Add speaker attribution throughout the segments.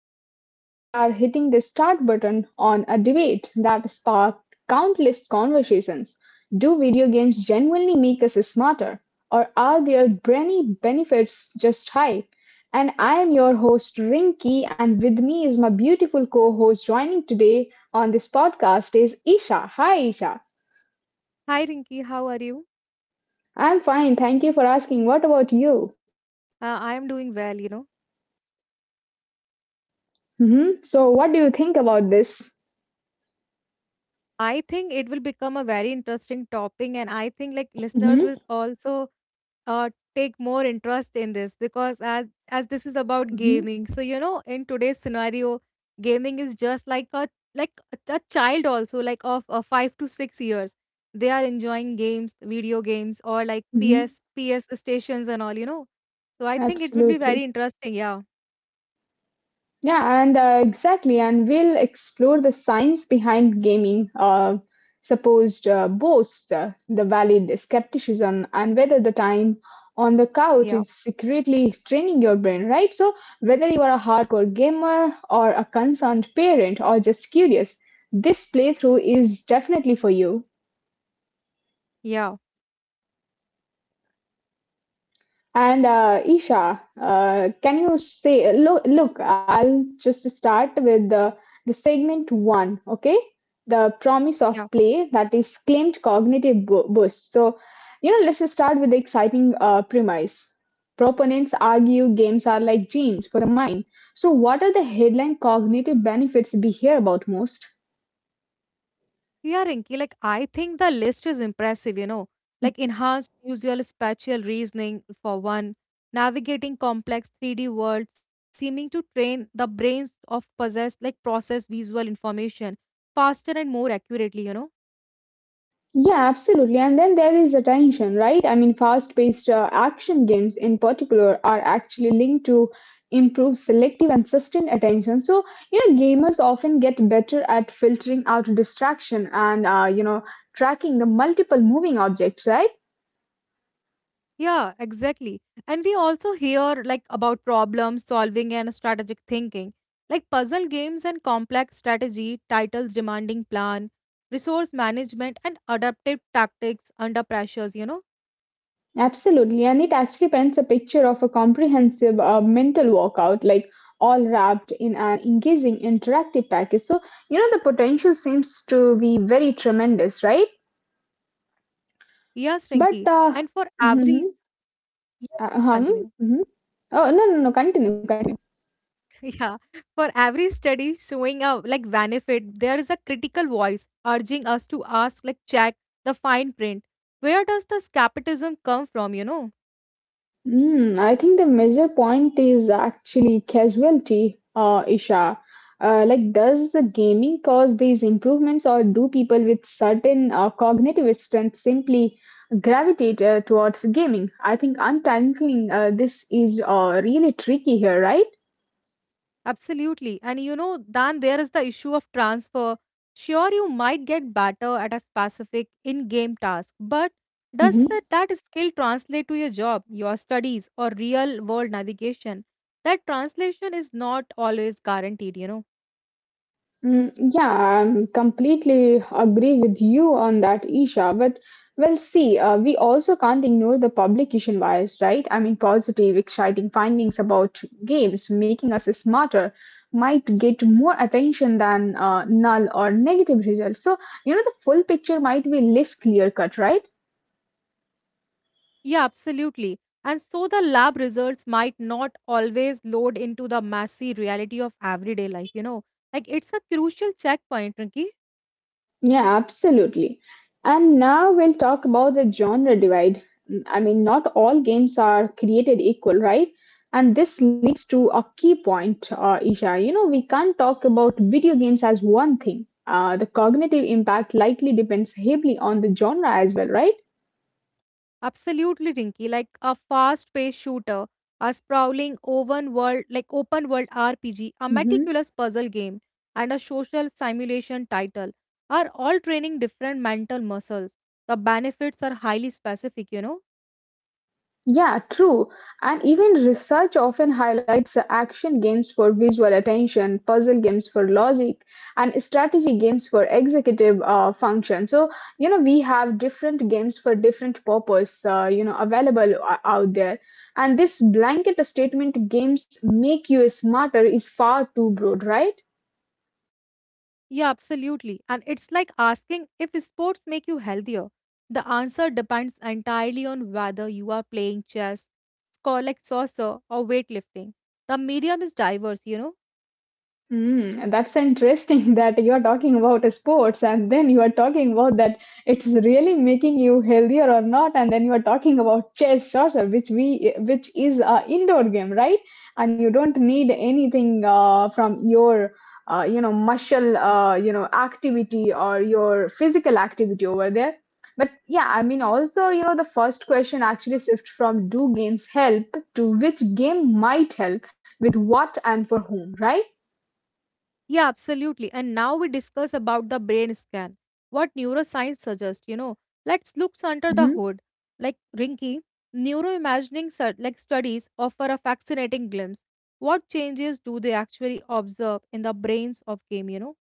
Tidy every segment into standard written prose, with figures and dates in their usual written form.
Speaker 1: Today we are hitting the start button on a debate that sparked countless conversations. Do video games genuinely make us smarter, or are their brainy benefits just hype? And I am your host, Rinki, and with me is my beautiful co host joining today on this podcast is Isha. Hi, Isha.
Speaker 2: Hi Rinki, how are you?
Speaker 1: I'm fine. Thank you for asking. What about you?
Speaker 2: I am doing well, you know.
Speaker 1: Hmm. So, what do you think about this?
Speaker 2: I think it will become a very interesting topic, and I think like listeners will
Speaker 1: Hmm.
Speaker 2: also take more interest in this because as this is about gaming, so
Speaker 1: Hmm.
Speaker 2: you know, in today's scenario, gaming is just like a like a child also like of 5 to 6 years. They are enjoying games, video games, or like
Speaker 1: Hmm.
Speaker 2: PS stations and all, you know. So I think it will be
Speaker 1: Absolutely.
Speaker 2: very interesting. Yeah,
Speaker 1: Yeah, and exactly. And we'll explore the science behind gaming, supposed boasts, the valid skepticism, and whether the time on the couch
Speaker 2: yeah,
Speaker 1: is secretly training your brain, right? So, whether you are a hardcore gamer or a concerned parent or just curious, this playthrough is definitely for you.
Speaker 2: yeah,
Speaker 1: And Isha, can you say, look, I'll just start with the segment one, okay? The promise of
Speaker 2: yeah.
Speaker 1: play that is claimed cognitive boost. So, you know, let's start with the exciting premise. Proponents argue games are like genes for the mind. So, what are the headline cognitive benefits we hear about most?
Speaker 2: Yeah, Rinky, like I think the list is impressive, you know, like enhanced visual spatial reasoning for one, navigating complex 3D world, seeming to train the brains of possess like process visual information faster and more accurately, you know.
Speaker 1: Yeah, absolutely. And then there is attention, right? I mean, fast-paced action games in particular are actually linked to improved selective and sustained attention. So, you know, gamers often get better at filtering out distraction and, you know, tracking the multiple moving objects, right?
Speaker 2: Yeah, exactly. And we also hear like about problem solving and strategic thinking, like puzzle games and complex strategy, titles demanding plan, resource management and adaptive tactics under pressures, you know.
Speaker 1: Absolutely. And it actually paints a picture of a comprehensive mental workout, like all wrapped in an engaging interactive package. So, you know, the potential seems to be very tremendous, right?
Speaker 2: Yes,
Speaker 1: But
Speaker 2: Rinky. And for
Speaker 1: mhm,
Speaker 2: every yeah, please
Speaker 1: huh,
Speaker 2: continue.
Speaker 1: mhm. Oh, no, no, no, continue. Continue.
Speaker 2: Yeah, for every study showing a like benefit, there is a critical voice urging us to ask, like check the fine print. Where does this capitalism come from? You know.
Speaker 1: Mm, I think the major point is actually casualty, Isha. Like, does the gaming cause these improvements, or do people with certain cognitive strength simply gravitate towards gaming? I think untangling this is really tricky here, right?
Speaker 2: Absolutely. And you know, Dan, there is the issue of transfer. Sure, you might get better at a specific in game task, but does that skill translate to your job, your studies, or real world navigation? That translation is not always guaranteed, you know.
Speaker 1: Mm, yeah, I'm completely agree with you on that, Isha. But well, see, we also can't ignore the publication bias, right? I mean, positive, exciting findings about games making us smarter might get more attention than null or negative results. So, you know, the full picture might be less clear cut, right?
Speaker 2: Yeah, absolutely. And so the lab results might not always load into the messy reality of everyday life, you know. Like it's a crucial checkpoint, Rinki.
Speaker 1: Yeah, absolutely. And now we'll talk about the genre divide. Mm, I mean, not all games are created equal, right? And this leads to a key point, Isha. You know, we can't talk about video games as one thing. The cognitive impact likely depends heavily on the genre as well, right?
Speaker 2: Absolutely, Rinky. Like a fast-paced shooter, a sprawling open world, like open world RPG, a meticulous puzzle game, and a social simulation title are all training different mental muscles. The benefits are highly specific, you know?
Speaker 1: Yeah, true. And even research often highlights action games for visual attention, puzzle games for logic, and strategy games for executive function. So, you know, we have different games for different purpose, you know, available out there. And this blanket statement games make you smarter is far too broad, right?
Speaker 2: Yeah, absolutely. And it's like asking if sports make you healthier. The answer depends entirely on whether you are playing chess, score like saucer, or weightlifting. The medium is diverse, you know.
Speaker 1: Mm, and that's interesting that you are talking about sports and then you are talking about that it's really making you healthier or not, and then you are talking about chess shots, which we which is a indoor game, right? And you don't need anything from your you know muscle you know activity or your physical activity over there. But yeah, I mean also you know the first question actually shifts from do games help to which game might help with what and for whom, right?
Speaker 2: Yeah, absolutely. And now we discuss about the brain scan. What neuroscience suggests, you know, let's look under the
Speaker 1: Mhm.
Speaker 2: hood. Like Rinky, neuroimagining su- like studies offer a fascinating glimpse. What changes do they actually observe in the brains of game? You know?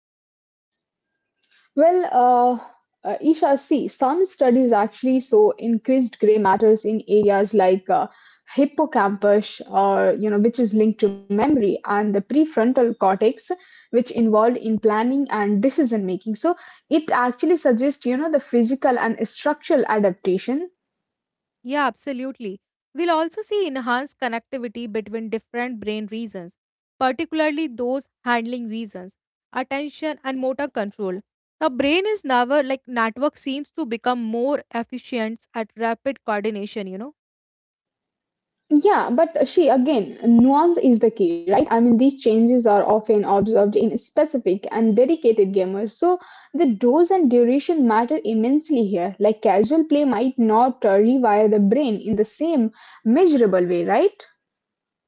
Speaker 1: Well, Isha, see, some studies actually show increased gray matters in areas like hippocampus, or you know, which is linked to memory, and the prefrontal cortex, which involved in planning and decision making. So it actually suggests, you know, the physical and structural adaptation.
Speaker 2: Yeah, absolutely. We'll also see enhanced connectivity between different brain regions, particularly those handling reasons, attention, and motor control. The brain is never like network seems to become more efficient at rapid coordination, you know?
Speaker 1: Yeah, but she again, nuance is the key, right? I mean, these changes are often observed in specific and dedicated gamers, so the dose and duration matter immensely here. Like, casual play might not rewire the brain in the same measurable way, right?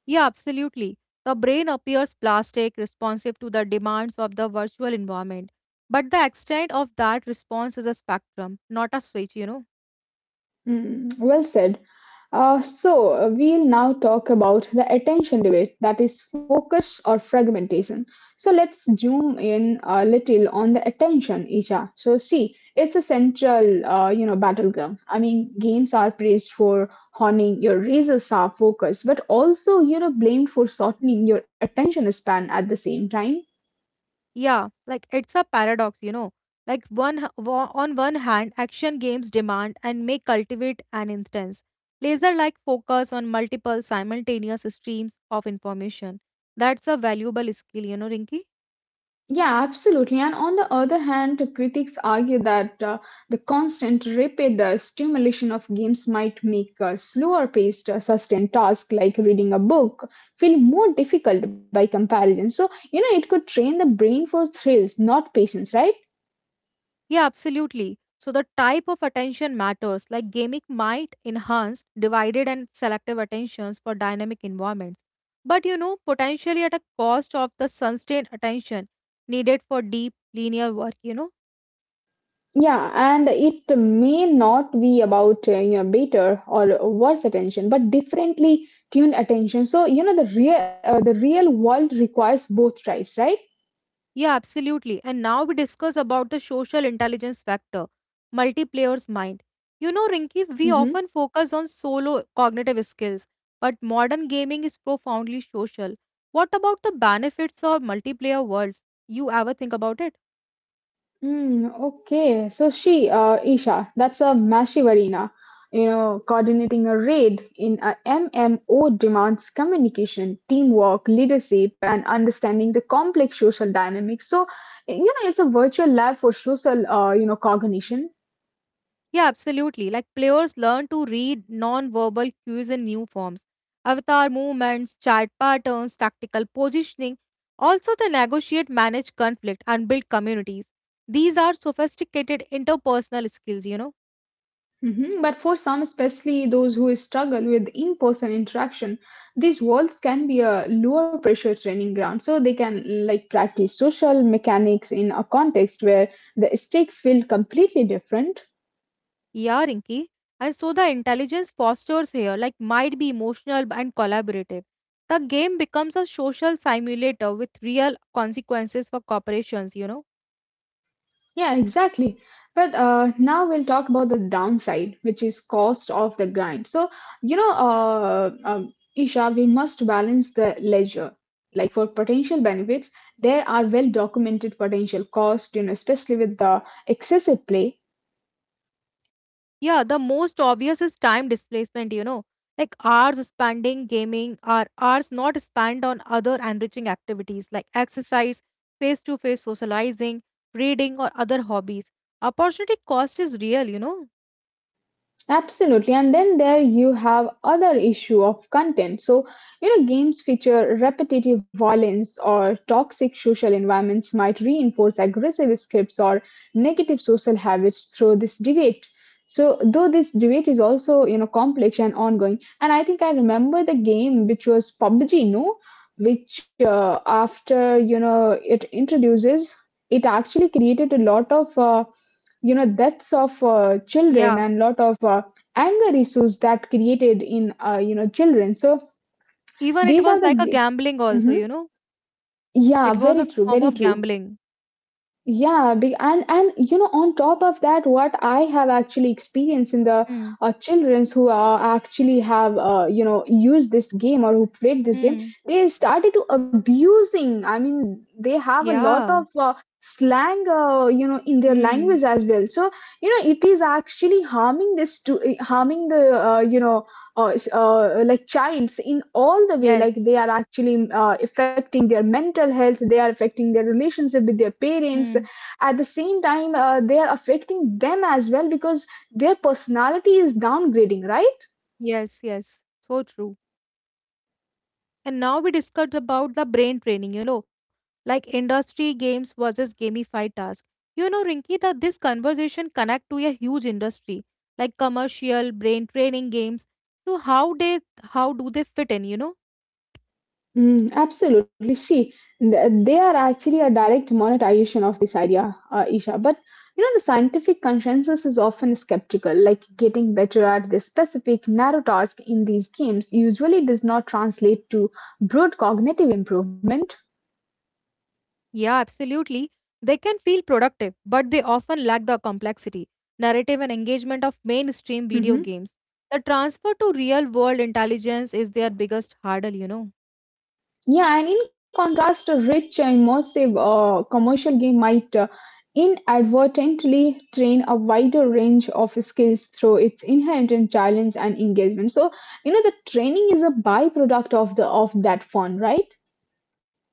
Speaker 2: Yeah, absolutely. The brain appears plastic, responsive to the demands of the virtual environment. But the extent of that response is a spectrum, not a switch, you know?
Speaker 1: Mm, well said. So, we'll now talk about the attention deficit, that is focus or fragmentation. So, let's zoom in a little on the attention, Isha. So, see, it's a central, you know, battleground. I mean, games are praised for honing your razor-sharp focus, but also, you know, blamed for shortening your attention span at the same time.
Speaker 2: Yeah, like it's a paradox, you know. Like on one hand, action games demand and may cultivate an instance, laser-like focus on multiple simultaneous streams of information. That's a valuable skill, you know, Rinky.
Speaker 1: Yeah, absolutely. And on the other hand, critics argue that the constant, rapid stimulation of games might make slower paced, sustained tasks like reading a book feel more difficult by comparison. So, you know, it could train the brain for thrills, not patience, right?
Speaker 2: Yeah, absolutely. So the type of attention matters. Like gaming might enhance divided and selective attentions for dynamic environments, but you know, potentially at a cost of the sustained attention needed for deep linear work. You know.
Speaker 1: Yeah, and it may not be about you know better or worse attention, but differently tuned attention. So, you know, the real world requires both types, right?
Speaker 2: Yeah, absolutely. And now we discuss about the social intelligence factor, multiplayer's mind. You know, Rinki, we
Speaker 1: Hmm.
Speaker 2: often focus on solo cognitive skills, but modern gaming is profoundly social. What about the benefits of multiplayer worlds? You ever think about it?
Speaker 1: Hmm. Okay, so she, Isha, that's a Mashivarina. You know, coordinating a raid in a MMO demands communication, teamwork, leadership, and understanding the complex social dynamics. So, you know, it's a virtual lab for social, you know, cognition.
Speaker 2: Yeah, absolutely. Like players learn to read non-verbal cues in new forms. Avatar movements, chart patterns, tactical positioning. Also, they negotiate, manage conflict, and build communities. These are sophisticated interpersonal skills, you know.
Speaker 1: Mhm. But for some, especially those who struggle with in person interaction, these walls can be a lower pressure training ground. So they can like practice social mechanics in a context where the stakes feel completely different.
Speaker 2: Yeah, Rinki. And so the intelligence fosters here, like might be emotional and collaborative. The game becomes a social simulator with real consequences for corporations, you know.
Speaker 1: Yeah, exactly. But Now we'll talk about the downside, which is cost of the grind. So, you know, Isha, we must balance the leisure. Like for potential benefits, there are well documented potential costs, you know, especially with the excessive play.
Speaker 2: Yeah, the most obvious is time displacement, you know. Like hours spending gaming or hours not spent on other enriching activities like exercise, face to face socializing, reading, or other hobbies. Opportunity cost is real, you know.
Speaker 1: Absolutely, and then there you have other issue of content. So, you know, games feature repetitive violence or toxic social environments might reinforce aggressive scripts or negative social habits through this debate. So, though this debate is also, you know, complex and ongoing, and I think I remember the game which was PUBG, no, which after you know it introduces, it actually created a lot of. You know deaths of children
Speaker 2: Yeah.
Speaker 1: and lot of anger issues that created in you know children so
Speaker 2: Even
Speaker 1: these
Speaker 2: it
Speaker 1: are the
Speaker 2: was like a gambling,
Speaker 1: Mhm.
Speaker 2: also, you know.
Speaker 1: Yeah,
Speaker 2: It was
Speaker 1: very
Speaker 2: a
Speaker 1: true,
Speaker 2: form of
Speaker 1: very true.
Speaker 2: gambling.
Speaker 1: Yeah, and you know, on top of that, what I have actually experienced in the
Speaker 2: Mm.
Speaker 1: childrens who are actually have you know used this game or who played this game,
Speaker 2: Mm.
Speaker 1: they started to abusing. I mean, they have a lot
Speaker 2: Yeah.
Speaker 1: of slang, you know, in their
Speaker 2: Mm.
Speaker 1: language as well. So you know, it is actually harming this to harming the you know. Like childs in all the way
Speaker 2: Yes.
Speaker 1: like they are actually affecting their mental health, they are affecting their relationship with their
Speaker 2: Mm.
Speaker 1: parents at the same time they are affecting them as well because their personality is downgrading, right?
Speaker 2: Yes. Yes. So true. And now we discussed about the brain training, you know, like industry games versus gamified task. You know, Rinki, that this conversation connect to a huge industry like commercial brain training games. So how do they fit in, you know?
Speaker 1: Mm, absolutely. See, they are actually a direct monetization of this idea, Isha. But you know, the scientific consensus is often skeptical. Like getting better at this specific narrow task in these games usually does not translate to broad cognitive improvement.
Speaker 2: Yeah, absolutely. They can feel productive, but they often lack the complexity, narrative and engagement of mainstream video games. The transfer to real world intelligence is their biggest hurdle, you know.
Speaker 1: Yeah, and in contrast, a rich, immersive commercial game might inadvertently train a wider range of skills through its inherent challenge and engagement. So, you know, the training is a byproduct of the of that fun, right?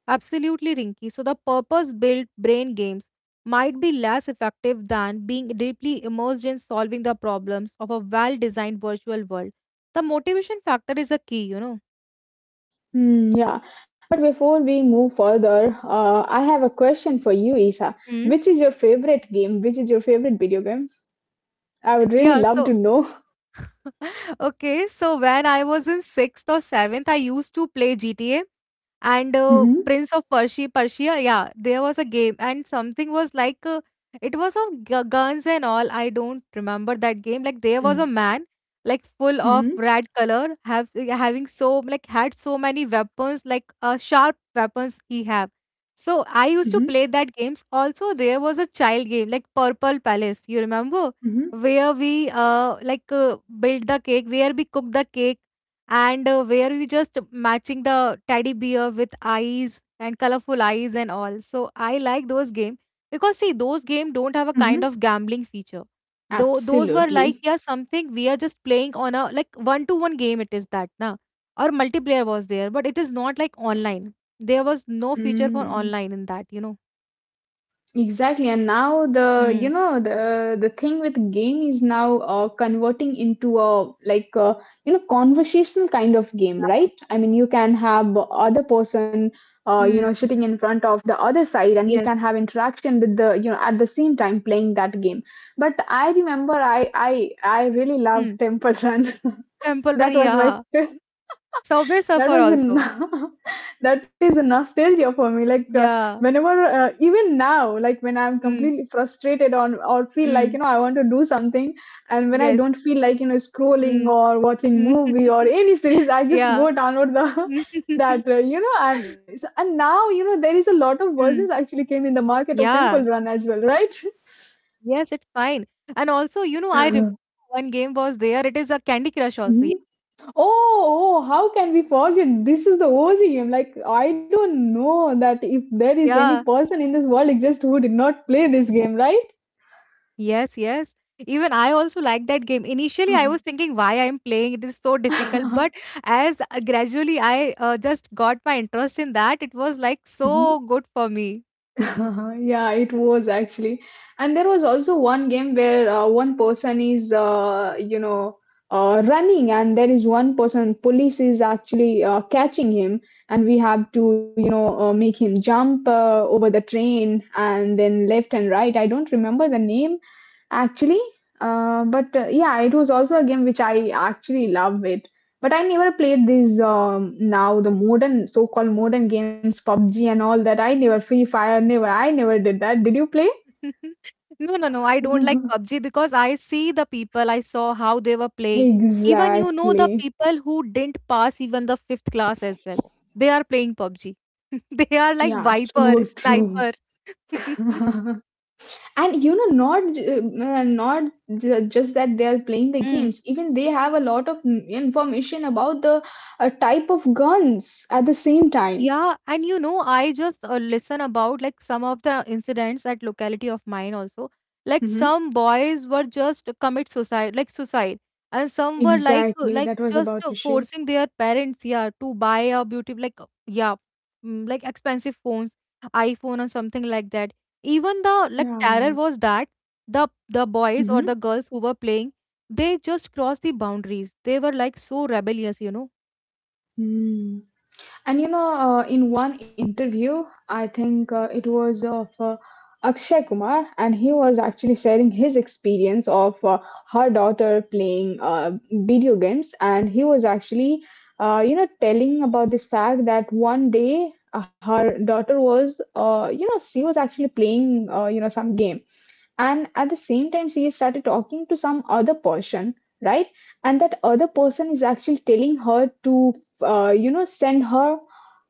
Speaker 2: Absolutely, Rinky. So, the purpose built brain games might be less effective than being deeply immersed in solving the problems of a well designed virtual world. The motivation factor is a key, you know.
Speaker 1: Mm, yeah. Before we move further, I have a question for you, Isa.
Speaker 2: Hmm?
Speaker 1: Which is your favorite game? Which is your favorite video game? I would really
Speaker 2: Yeah,
Speaker 1: love to
Speaker 2: so
Speaker 1: know.
Speaker 2: okay, so when I was in sixth or seventh, I used to play GTA and Prince of Persia. Persia, yeah, there was a game and something was like it was of guns and all. I don't remember that game. Like there was a man full of
Speaker 1: Mm-hmm.
Speaker 2: red color, have having so like had so many weapons, like sharp weapons he have. So I
Speaker 1: Mm-hmm.
Speaker 2: used to
Speaker 1: Mm-hmm.
Speaker 2: play that games. Also, there was a child game like Purple Palace. You remember?
Speaker 1: Mm-hmm.
Speaker 2: Where we build the cake, where we cook the cake, and where we just matching the teddy bear with eyes and colorful eyes and all. So I like those game because see those game don't have a
Speaker 1: Mm-hmm.
Speaker 2: kind of gambling feature. Though those were like
Speaker 1: Absolutely.
Speaker 2: yeah something we are just playing on a like one to one game it is that na or multiplayer was there but it is not like online. There was no feature for
Speaker 1: Mm,
Speaker 2: online in that you know.
Speaker 1: exactly. And now the you
Speaker 2: Hmm.
Speaker 1: know the thing with game is now converting into a like a, you know conversational kind of game,
Speaker 2: Yeah.
Speaker 1: right? I mean, you can have other person you know
Speaker 2: Hmm.
Speaker 1: sitting in front of the other side, and you
Speaker 2: Yes.
Speaker 1: can have interaction with the you know at the same time playing that game. But I remember I really loved
Speaker 2: Hmm.
Speaker 1: Temple Run.
Speaker 2: Temple Run,
Speaker 1: That was my
Speaker 2: yeah. Subway Surfer
Speaker 1: that was
Speaker 2: also.
Speaker 1: a that is a nostalgia for me like
Speaker 2: Yeah.
Speaker 1: whenever even now like when I'm
Speaker 2: Mm.
Speaker 1: completely frustrated on or feel like
Speaker 2: Mm.
Speaker 1: you know I want to do something and when I
Speaker 2: Yes.
Speaker 1: don't feel like you know scrolling
Speaker 2: Mm.
Speaker 1: or watching
Speaker 2: Mm.
Speaker 1: movie or any series I just
Speaker 2: Yeah.
Speaker 1: go download the that you know and and now you know there is a lot of versions
Speaker 2: Mm.
Speaker 1: actually came in the market of temple
Speaker 2: Yeah.
Speaker 1: run as well, right? Mhm.
Speaker 2: Yes, it's fine. And also, you know, I remember one game was there. It is a Candy Crush also. Yeah.
Speaker 1: Mhm. Oh, oh, how can we forget? This is the OG game. Like, I don't know that if there is any
Speaker 2: Yeah.
Speaker 1: person in this world exists who did not play this game,
Speaker 2: Yes, yes. Even I also like that game. Initially, I
Speaker 1: right?
Speaker 2: was thinking why I'm playing. It is so difficult.
Speaker 1: Mhm.
Speaker 2: But as gradually I just got my interest in that, it was like so good for me.
Speaker 1: Yeah, it was actually. And there was also one game where one person is, you know, running, and there is one person, police is actually catching him, and we have to, you know, make him jump over the train and then left and right. I don't remember the name actually, but yeah, it was also a game which I actually love it. But I never played these. Now the modern, so-called modern games, PUBG and all that, I never, Free Fire, never, I never did that. Did you play?
Speaker 2: No, no, no. I don't like PUBG because I see the people, I saw how they were playing. Even you know the
Speaker 1: exactly.
Speaker 2: people who didn't pass even the fifth class as well. They are playing PUBG. They are like
Speaker 1: Yeah,
Speaker 2: Viper,
Speaker 1: true, true.
Speaker 2: Sniper.
Speaker 1: and you know, not just that they are playing the
Speaker 2: Mm.
Speaker 1: games, even they have a lot of information about the type of guns at the same time.
Speaker 2: Yeah, and you know, I just listen about like some of the incidents at locality of mine also. Like
Speaker 1: Hmm.
Speaker 2: some boys were just commit suicide, like suicide, and some were
Speaker 1: Exactly,
Speaker 2: like
Speaker 1: that was
Speaker 2: just
Speaker 1: about to share.
Speaker 2: forcing their parents, yeah, to buy a beauty like yeah, mm, like expensive phones, iPhone or something like that. Even the like
Speaker 1: Yeah.
Speaker 2: terror was that the boys
Speaker 1: Hmm.
Speaker 2: or the girls who were playing, they just crossed the boundaries. They were like so rebellious, you know.
Speaker 1: Hmm. And you know, in one interview, I think it was of Akshay Kumar, and he was actually sharing his experience of her daughter playing video games. And he was actually, telling about this fact that one day her daughter was, she was actually playing, some game. And at the same time, she started talking to some other person, right? And that other person is actually telling her to, send her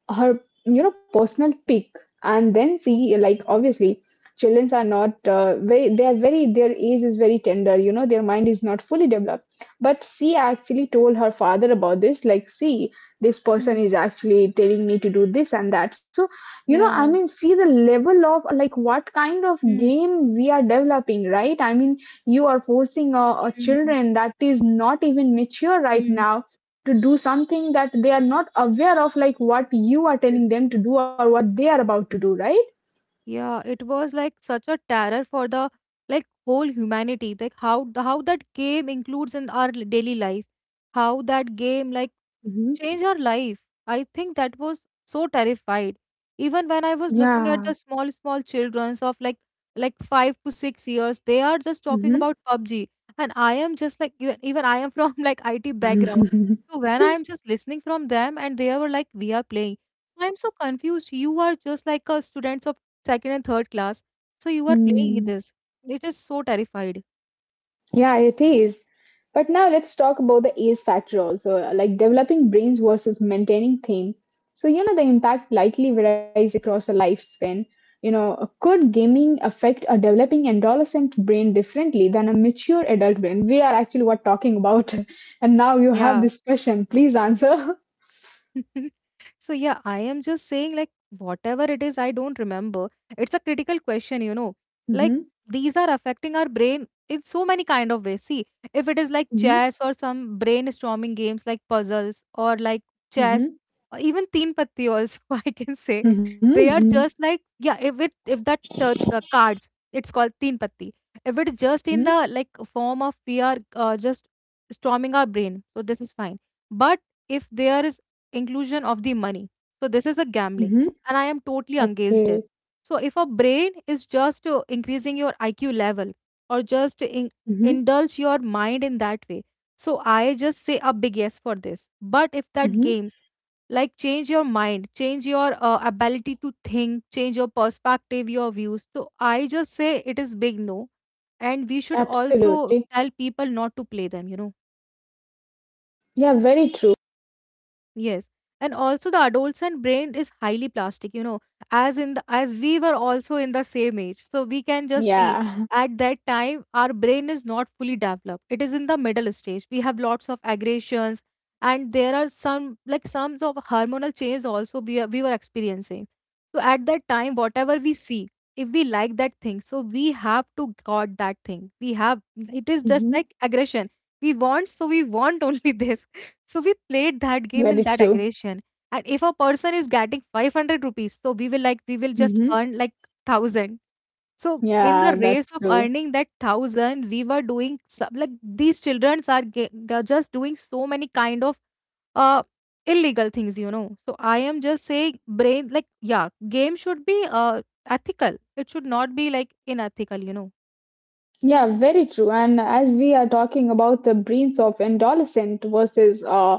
Speaker 1: her you know, personal pick. And then, see, like, obviously children are not very they are very, their age is very tender, you know, their mind is not fully developed, but she actually told her father about this. Like, see, this person
Speaker 2: Mm.
Speaker 1: is actually telling me to do this and that. So, you know, I mean,
Speaker 2: Yeah.
Speaker 1: see the level of, like, what kind of game we are developing, right? I mean, you are forcing a
Speaker 2: Mm.
Speaker 1: children that is not even mature right
Speaker 2: Mm.
Speaker 1: now to do something that they are not aware of, like what you are telling
Speaker 2: Yes.
Speaker 1: them to do or what they are about to do, right?
Speaker 2: Yeah, it was like such a terror for the like whole humanity. Like how the, how that game includes in our daily life, how that game like
Speaker 1: Mhm.
Speaker 2: change her life. I think that was so terrified. Even when I was looking at
Speaker 1: Yeah.
Speaker 2: the small, small childrens of like 5 to 6 years, they are just talking
Speaker 1: Mm.
Speaker 2: about PUBG. And I am just like even I am from like IT background. So when I
Speaker 1: Mhm.
Speaker 2: am just listening from them and they were like, we are playing. I'm so confused. You are just like a students of second and third class. So you are playing this. It is so terrified.
Speaker 1: Yeah, it is. But now let's talk about the age factor also, like developing brains versus maintaining theme. So, you know, the impact likely varies across a lifespan. You know, could gaming affect a developing adolescent brain differently than a mature adult brain? We are actually what talking about. And now you have
Speaker 2: Yeah.
Speaker 1: this question. Please answer.
Speaker 2: So yeah, I am just saying like whatever it is I don't remember, it's a critical question, you know, like
Speaker 1: Mm-hmm.
Speaker 2: these are affecting our brain in so many kind of ways. See, if it is like chess or some brainstorming games like puzzles or like chess
Speaker 1: Mm-hmm.
Speaker 2: or even teen patti also I can say
Speaker 1: Mm-hmm. Mm-hmm.
Speaker 2: they are
Speaker 1: Mm-hmm.
Speaker 2: just like yeah if it if that cards it's called teen patti if it's just in
Speaker 1: Mm-hmm.
Speaker 2: the like form of we are just storming our brain so this is fine but if there is inclusion of the money. So this is a gambling,
Speaker 1: Mm-hmm.
Speaker 2: and I am totally against
Speaker 1: Okay.
Speaker 2: it. So if a brain is just increasing your IQ level or
Speaker 1: Mm-hmm.
Speaker 2: indulge your mind in that way, so I just say a big yes for this. But if that
Speaker 1: Mm-hmm.
Speaker 2: games like change your mind change your ability to think change your perspective your views so I just say it is big no and we should also
Speaker 1: Absolutely.
Speaker 2: tell people not to play them you know.
Speaker 1: Yeah, very true.
Speaker 2: Yes. And also the adolescent brain is highly plastic, you know, as in as we were also in the same age. So we can just see
Speaker 1: Yeah.
Speaker 2: at that time our brain is not fully developed. It is in the middle stage. We have lots of aggressions, and there are some like some of hormonal change also we were experiencing. So at that time, whatever we see, if we like that thing, so we have to got that thing. We have it is just like aggression. We want, so we want only this, so we played that game
Speaker 1: Very
Speaker 2: in that
Speaker 1: true.
Speaker 2: aggression. And if a person is getting 500 rupees, so we will like, we will just
Speaker 1: Hmm.
Speaker 2: earn like 1000. So in the
Speaker 1: Yeah,
Speaker 2: race
Speaker 1: that's
Speaker 2: of
Speaker 1: true.
Speaker 2: earning that 1000, we were doing some, like these children are they're just doing so many kind of uh illegal things, you know. So I am just saying brain like, yeah, game should be ethical. It should not be like unethical, you know.
Speaker 1: Yeah, very true. And as we are talking about the brains of adolescent versus, uh,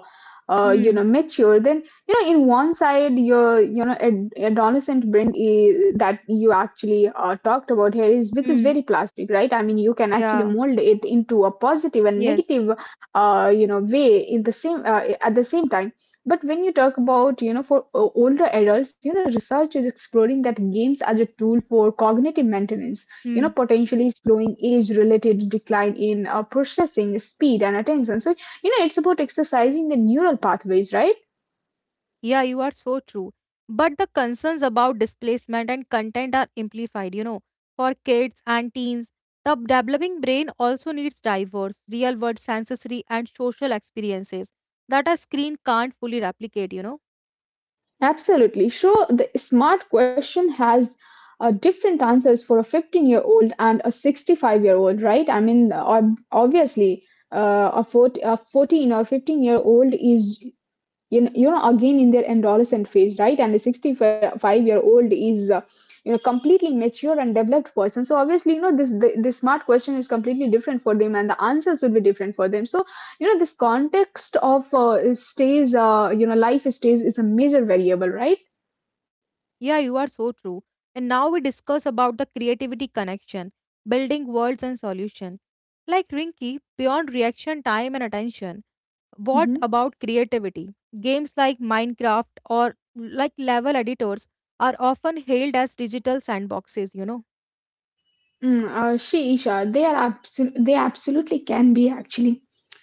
Speaker 1: uh, you
Speaker 2: Hmm.
Speaker 1: know, mature, then you know, in one side, your, you know, adolescent brain is, that you actually talked about here, is which is
Speaker 2: Hmm.
Speaker 1: very plastic, right? I mean, you can actually
Speaker 2: Yeah.
Speaker 1: mold it into a positive and
Speaker 2: Yes.
Speaker 1: negative, you know, way in the same at the same time. But when you talk about, you know, for older adults, you know, research is exploring that games are a tool for cognitive maintenance, you
Speaker 2: Hmm.
Speaker 1: know, potentially slowing age-related decline in processing speed and attention. So, you know, it's about exercising the neural pathways, right?
Speaker 2: Yeah, you are so true. But the concerns about displacement and content are amplified, you know. For kids and teens, the developing brain also needs diverse, real world sensory and social experiences that a screen can't fully replicate, you know.
Speaker 1: Absolutely. So the smart question has different answers for a 15-year-old and a 65-year-old, right? I mean, obviously, a 40, a 14 or 15-year-old is, you know, you know, again in their adolescent phase, right, and a 65-year-old is you know, completely mature and developed person. So obviously, you know, this smart question is completely different for them, and the answers would be different for them. So, you know, this context of stays, you know, life stays is a major variable, right?
Speaker 2: Yeah, you are so true. And now we discuss about the creativity connection, building worlds and solution. Like Rinky, beyond reaction time and attention. What
Speaker 1: Mm-hmm.
Speaker 2: about creativity? Games like Minecraft or like level editors are often hailed as digital sandboxes, you know.
Speaker 1: She, Isha, they are they absolutely can be, actually.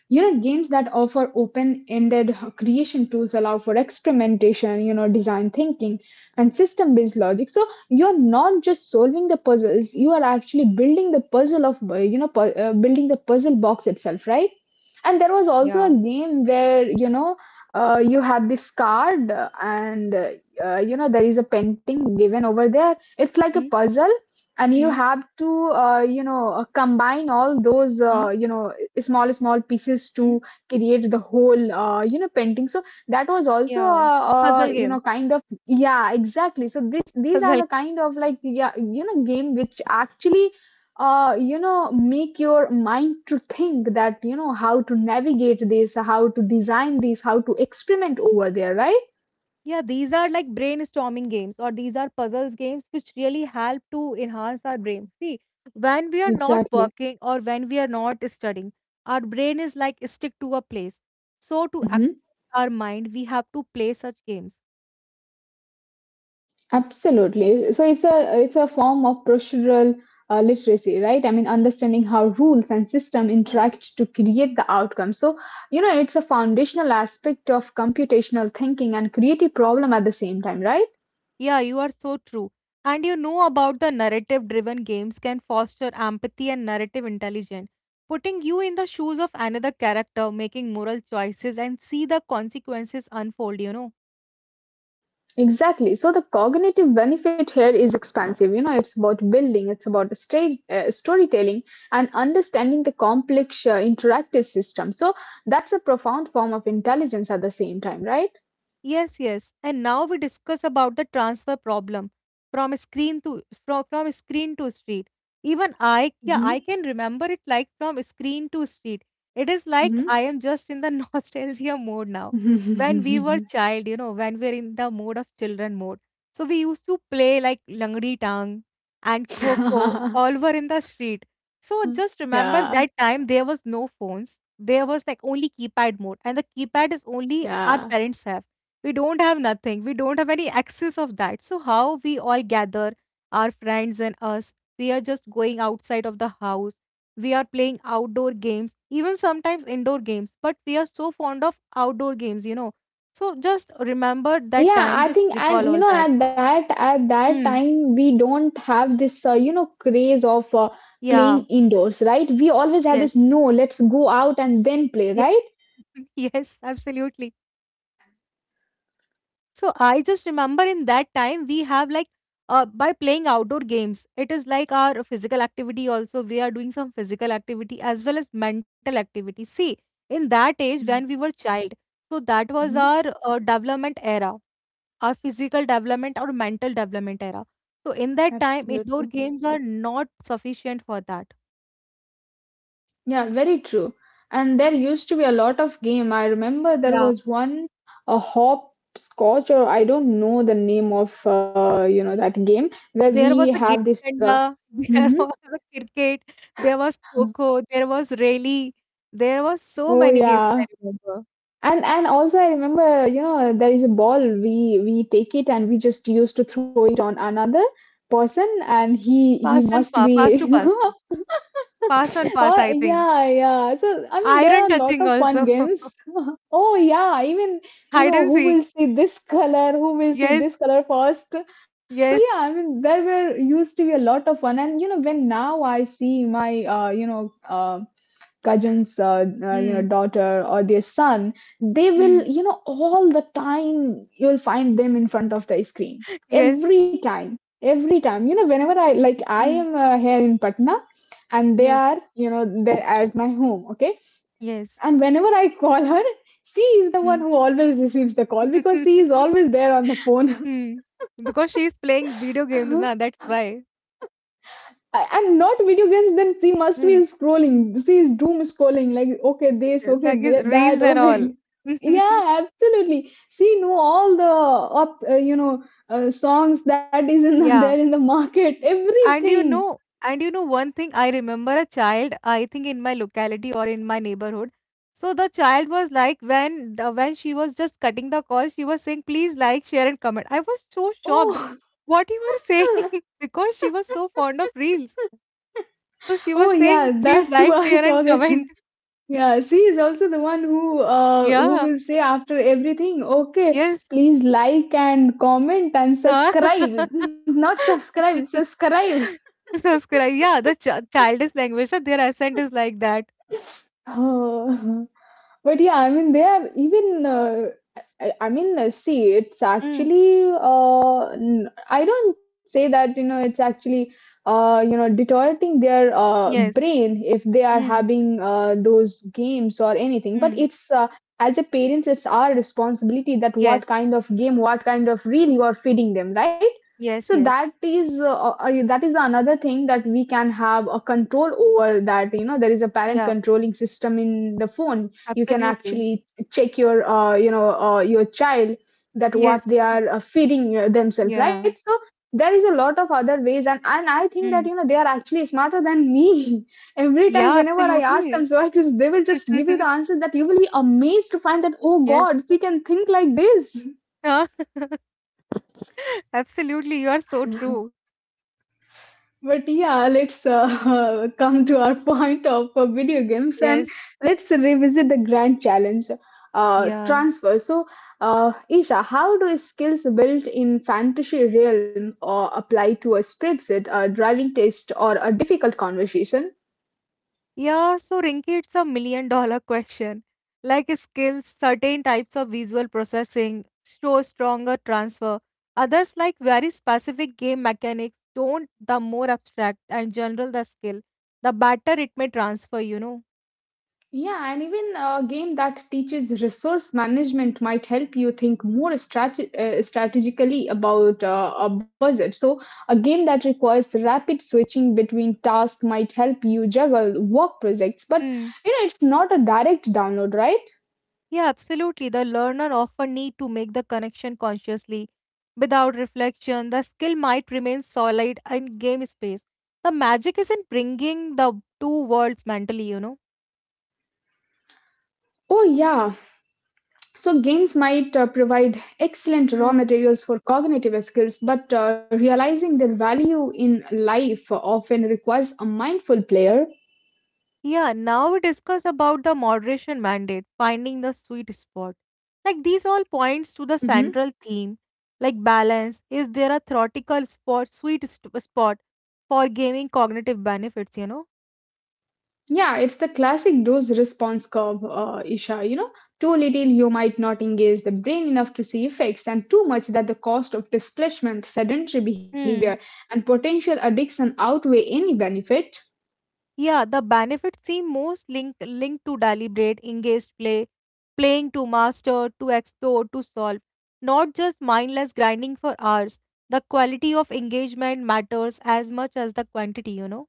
Speaker 1: You know, games that offer open ended creation tools allow for experimentation, you know, design thinking, and system based logic. So you're not just solving the puzzles, you are actually building the puzzle of, building the puzzle box itself, right? And there was also a
Speaker 2: Yeah.
Speaker 1: game where, you know, you have this card, and you know, there is a painting given over there. It's
Speaker 2: Hmm,
Speaker 1: like a puzzle, and you
Speaker 2: hmm,
Speaker 1: have to, combine all those,
Speaker 2: hmm,
Speaker 1: you know small small pieces
Speaker 2: hmm.
Speaker 1: to create the whole, painting. So that was also
Speaker 2: Yeah.
Speaker 1: a,
Speaker 2: Puzzle
Speaker 1: a you
Speaker 2: game.
Speaker 1: know, kind of, yeah, exactly. So this, these are
Speaker 2: Puzzle.
Speaker 1: the kind of, like, yeah, you know, game which actually make your mind to think that, you know, how to navigate this, how to design this, how to experiment over there, right?
Speaker 2: Yeah, these are like brainstorming games or these are puzzles games which really help to enhance our brain. See, when we are not
Speaker 1: Exactly.
Speaker 2: working or when we are not studying, our brain is like stick to a place. So to activate
Speaker 1: Mhm.
Speaker 2: our mind, we have to play such games.
Speaker 1: Absolutely. So it's a, it's a form of procedural literacy, right? I mean, understanding how rules and system interact to create the outcome. So, you know, it's a foundational aspect of computational thinking and creative problem at the same time, right?
Speaker 2: Yeah, you are so true. And you know about the narrative driven games can foster empathy and narrative intelligence, putting you in the shoes of another character, making moral choices, and see the consequences unfold, you know.
Speaker 1: Exactly. So the cognitive benefit here is expansive. You know, it's about building, it's about storytelling, and understanding the complex interactive system. So that's a profound form of intelligence at the same time, right?
Speaker 2: Yes, yes. And now we discuss about the transfer problem from a screen to street. Even I, yeah, I can remember it like from screen to street. It is like I
Speaker 1: Hmm.
Speaker 2: am just in the nostalgia mode now. When we were
Speaker 1: Hmm.
Speaker 2: child, you know, when we are in the mode of children mode. So we used to play like Langdi Tang and Kho Kho, all were in the street. So just remember
Speaker 1: Yeah,
Speaker 2: that time there was no phones. There was like only keypad mode, and the keypad is only our
Speaker 1: yeah.
Speaker 2: parents have. We don't have nothing, we don't have any access of that. So how we all gather our friends and us, we are just going outside of the house. We are playing outdoor games, even sometimes indoor games, but we are so fond of outdoor games, you know. So just remember that
Speaker 1: Yeah,
Speaker 2: time,
Speaker 1: I
Speaker 2: just
Speaker 1: think,
Speaker 2: recall
Speaker 1: and
Speaker 2: all
Speaker 1: you know,
Speaker 2: that.
Speaker 1: at that
Speaker 2: Mm.
Speaker 1: time we don't have this you know, craze of
Speaker 2: Yeah.
Speaker 1: playing indoors, right? We always have this,
Speaker 2: Yes.
Speaker 1: no, let's go out and then play, right?
Speaker 2: Yeah. Yes, absolutely. So I just remember in that time we have like by playing outdoor games, it is like our physical activity also. We are doing some physical activity as well as mental activity. See, in that age when we were child, so that was
Speaker 1: Mm-hmm.
Speaker 2: our development era, our physical development or mental development era. So in that time,
Speaker 1: Absolutely.
Speaker 2: indoor games are not sufficient for that.
Speaker 1: Yeah, very true. And there used to be a lot of game. I remember there was one, a hopscotch, or I don't know the name of you know, that game where
Speaker 2: There
Speaker 1: we
Speaker 2: was a game,
Speaker 1: have this
Speaker 2: danda, there
Speaker 1: mhm.
Speaker 2: was a cricket, there was kho-kho, there was rally, there was so
Speaker 1: Oh
Speaker 2: many games I
Speaker 1: yeah.
Speaker 2: remember.
Speaker 1: And also I remember, you know, there is a ball. We take it and we just used to throw it on another person, and he
Speaker 2: Pass and
Speaker 1: must
Speaker 2: pa pass to
Speaker 1: be.
Speaker 2: pass, pass and pass
Speaker 1: Oh,
Speaker 2: I think.
Speaker 1: yeah, yeah. So, I mean, there
Speaker 2: Iron
Speaker 1: are a lot
Speaker 2: touching
Speaker 1: of fun
Speaker 2: also,
Speaker 1: games. Oh, yeah. Even, you
Speaker 2: hide
Speaker 1: know,
Speaker 2: and
Speaker 1: who
Speaker 2: seek.
Speaker 1: will see this color? Who will see
Speaker 2: Yes,
Speaker 1: this color first? So, yeah,
Speaker 2: yes.
Speaker 1: I mean, there were used to be a lot of fun. And, you know, when now I see my, cousin's you know,
Speaker 2: Mm,
Speaker 1: daughter or their son, they will,
Speaker 2: mm.
Speaker 1: you know, all the time you'll find them in front of the screen,
Speaker 2: Yes.
Speaker 1: every time, every time, you know, whenever I like, I
Speaker 2: Mm.
Speaker 1: am here in Patna, and they
Speaker 2: Yes.
Speaker 1: are, you know, they're at my home, okay?
Speaker 2: Yes.
Speaker 1: And whenever I call her, she is the one
Speaker 2: Mm.
Speaker 1: who always receives the call because she is always there on the phone.
Speaker 2: Mm. Because she's playing video games na, that's why.
Speaker 1: and not video games, then she must be
Speaker 2: Mm.
Speaker 1: scrolling. She is doom scrolling, like, okay this,
Speaker 2: It's
Speaker 1: okay
Speaker 2: like it's
Speaker 1: that,
Speaker 2: reels and all.
Speaker 1: okay. yeah, absolutely, she know all the up you know, songs that is in the, there in
Speaker 2: Yeah.
Speaker 1: the market, everything.
Speaker 2: And you know one thing, I remember a child, I think in my locality or in my neighborhood. So the child was like when when she was just cutting the call, she was saying, please like, share and comment. I was so shocked
Speaker 1: Oh.
Speaker 2: what you were saying because she was so fond of reels. So she
Speaker 1: oh
Speaker 2: was
Speaker 1: yeah,
Speaker 2: saying, please
Speaker 1: that too,
Speaker 2: like,
Speaker 1: I
Speaker 2: share and
Speaker 1: forget.
Speaker 2: comment.
Speaker 1: Yeah, she is also the one who
Speaker 2: Yeah,
Speaker 1: will say after everything, okay,
Speaker 2: yes.
Speaker 1: please like and comment and
Speaker 2: Huh?
Speaker 1: subscribe. Not subscribe, subscribe.
Speaker 2: Subscribe. Yeah, the childish language, their accent is like that.
Speaker 1: Oh. But yeah, I mean they are even see, it's
Speaker 2: Mm.
Speaker 1: actually, I don't say that, you know, it's actually, you know, deteriorating their
Speaker 2: Yes.
Speaker 1: brain if they are
Speaker 2: Mm.
Speaker 1: having those games or anything. But
Speaker 2: Mm.
Speaker 1: it's, as a parents, it's our responsibility that what
Speaker 2: Yes,
Speaker 1: kind of game, what kind of reel you are feeding them, right? So
Speaker 2: yes, yes.
Speaker 1: that is another thing that we can have a control over that, you know, there is a parent
Speaker 2: Yeah,
Speaker 1: controlling system in the phone. You can
Speaker 2: absolutely.
Speaker 1: actually check your, your child, that what
Speaker 2: Yes.
Speaker 1: they are feeding themselves, right?
Speaker 2: Yeah.
Speaker 1: So there is a lot of other ways, and I think that, you
Speaker 2: Mm.
Speaker 1: know, they are actually smarter than me. every time
Speaker 2: Yeah,
Speaker 1: whenever I ask them,
Speaker 2: absolutely.
Speaker 1: so I just, they will just give you the answer that you will be amazed to find that, oh
Speaker 2: Yes.
Speaker 1: god, she can think like this.
Speaker 2: Huh? Absolutely. You are so true.
Speaker 1: but yeah, let's come to our point of video games. And
Speaker 2: Yes.
Speaker 1: let's revisit the grand challenge,
Speaker 2: Yeah.
Speaker 1: transfer. So, Isha, how do skills built in fantasy realm or apply to a spreadsheet, a driving test, or a difficult conversation?
Speaker 2: Yeah. So, Rinki, it's a million dollar question. Like skills, certain types of visual processing show stronger transfer. Others, like very specific game mechanics, don't. The more abstract and general the skill, the better it may transfer, you know.
Speaker 1: Yeah, and even a game that teaches resource management might help you think more strategically about a budget. So a game that requires rapid switching between tasks might help you juggle work projects, but
Speaker 2: Hmm.
Speaker 1: you know, it's not a direct download, right?
Speaker 2: Yeah, absolutely. The learner often need to make the connection consciously. Without reflection, the skill might remain solid in game space. The magic is in bringing the two worlds mentally, you know.
Speaker 1: Oh, yeah. So games might provide excellent raw
Speaker 2: Hmm.
Speaker 1: materials for cognitive skills, but realizing their value in life often requires a mindful player.
Speaker 2: Yeah, now we discuss about the moderation mandate, finding the sweet spot. Like these all points to the
Speaker 1: Mhm.
Speaker 2: central theme, like balance. Is there a theoretical spot, spot for gaming cognitive benefits, you know?
Speaker 1: Yeah, it's the classic dose response curve, Isha. You know, too little, you might not engage the brain enough to see effects, and too much that the cost of displacement, sedentary behavior, and potential addiction outweigh any benefit.
Speaker 2: Yeah, the benefits seem most linked to deliberate, engaged play, playing to master, to explore, to solve, not just mindless grinding for hours. The quality of engagement matters as much as the quantity, you know.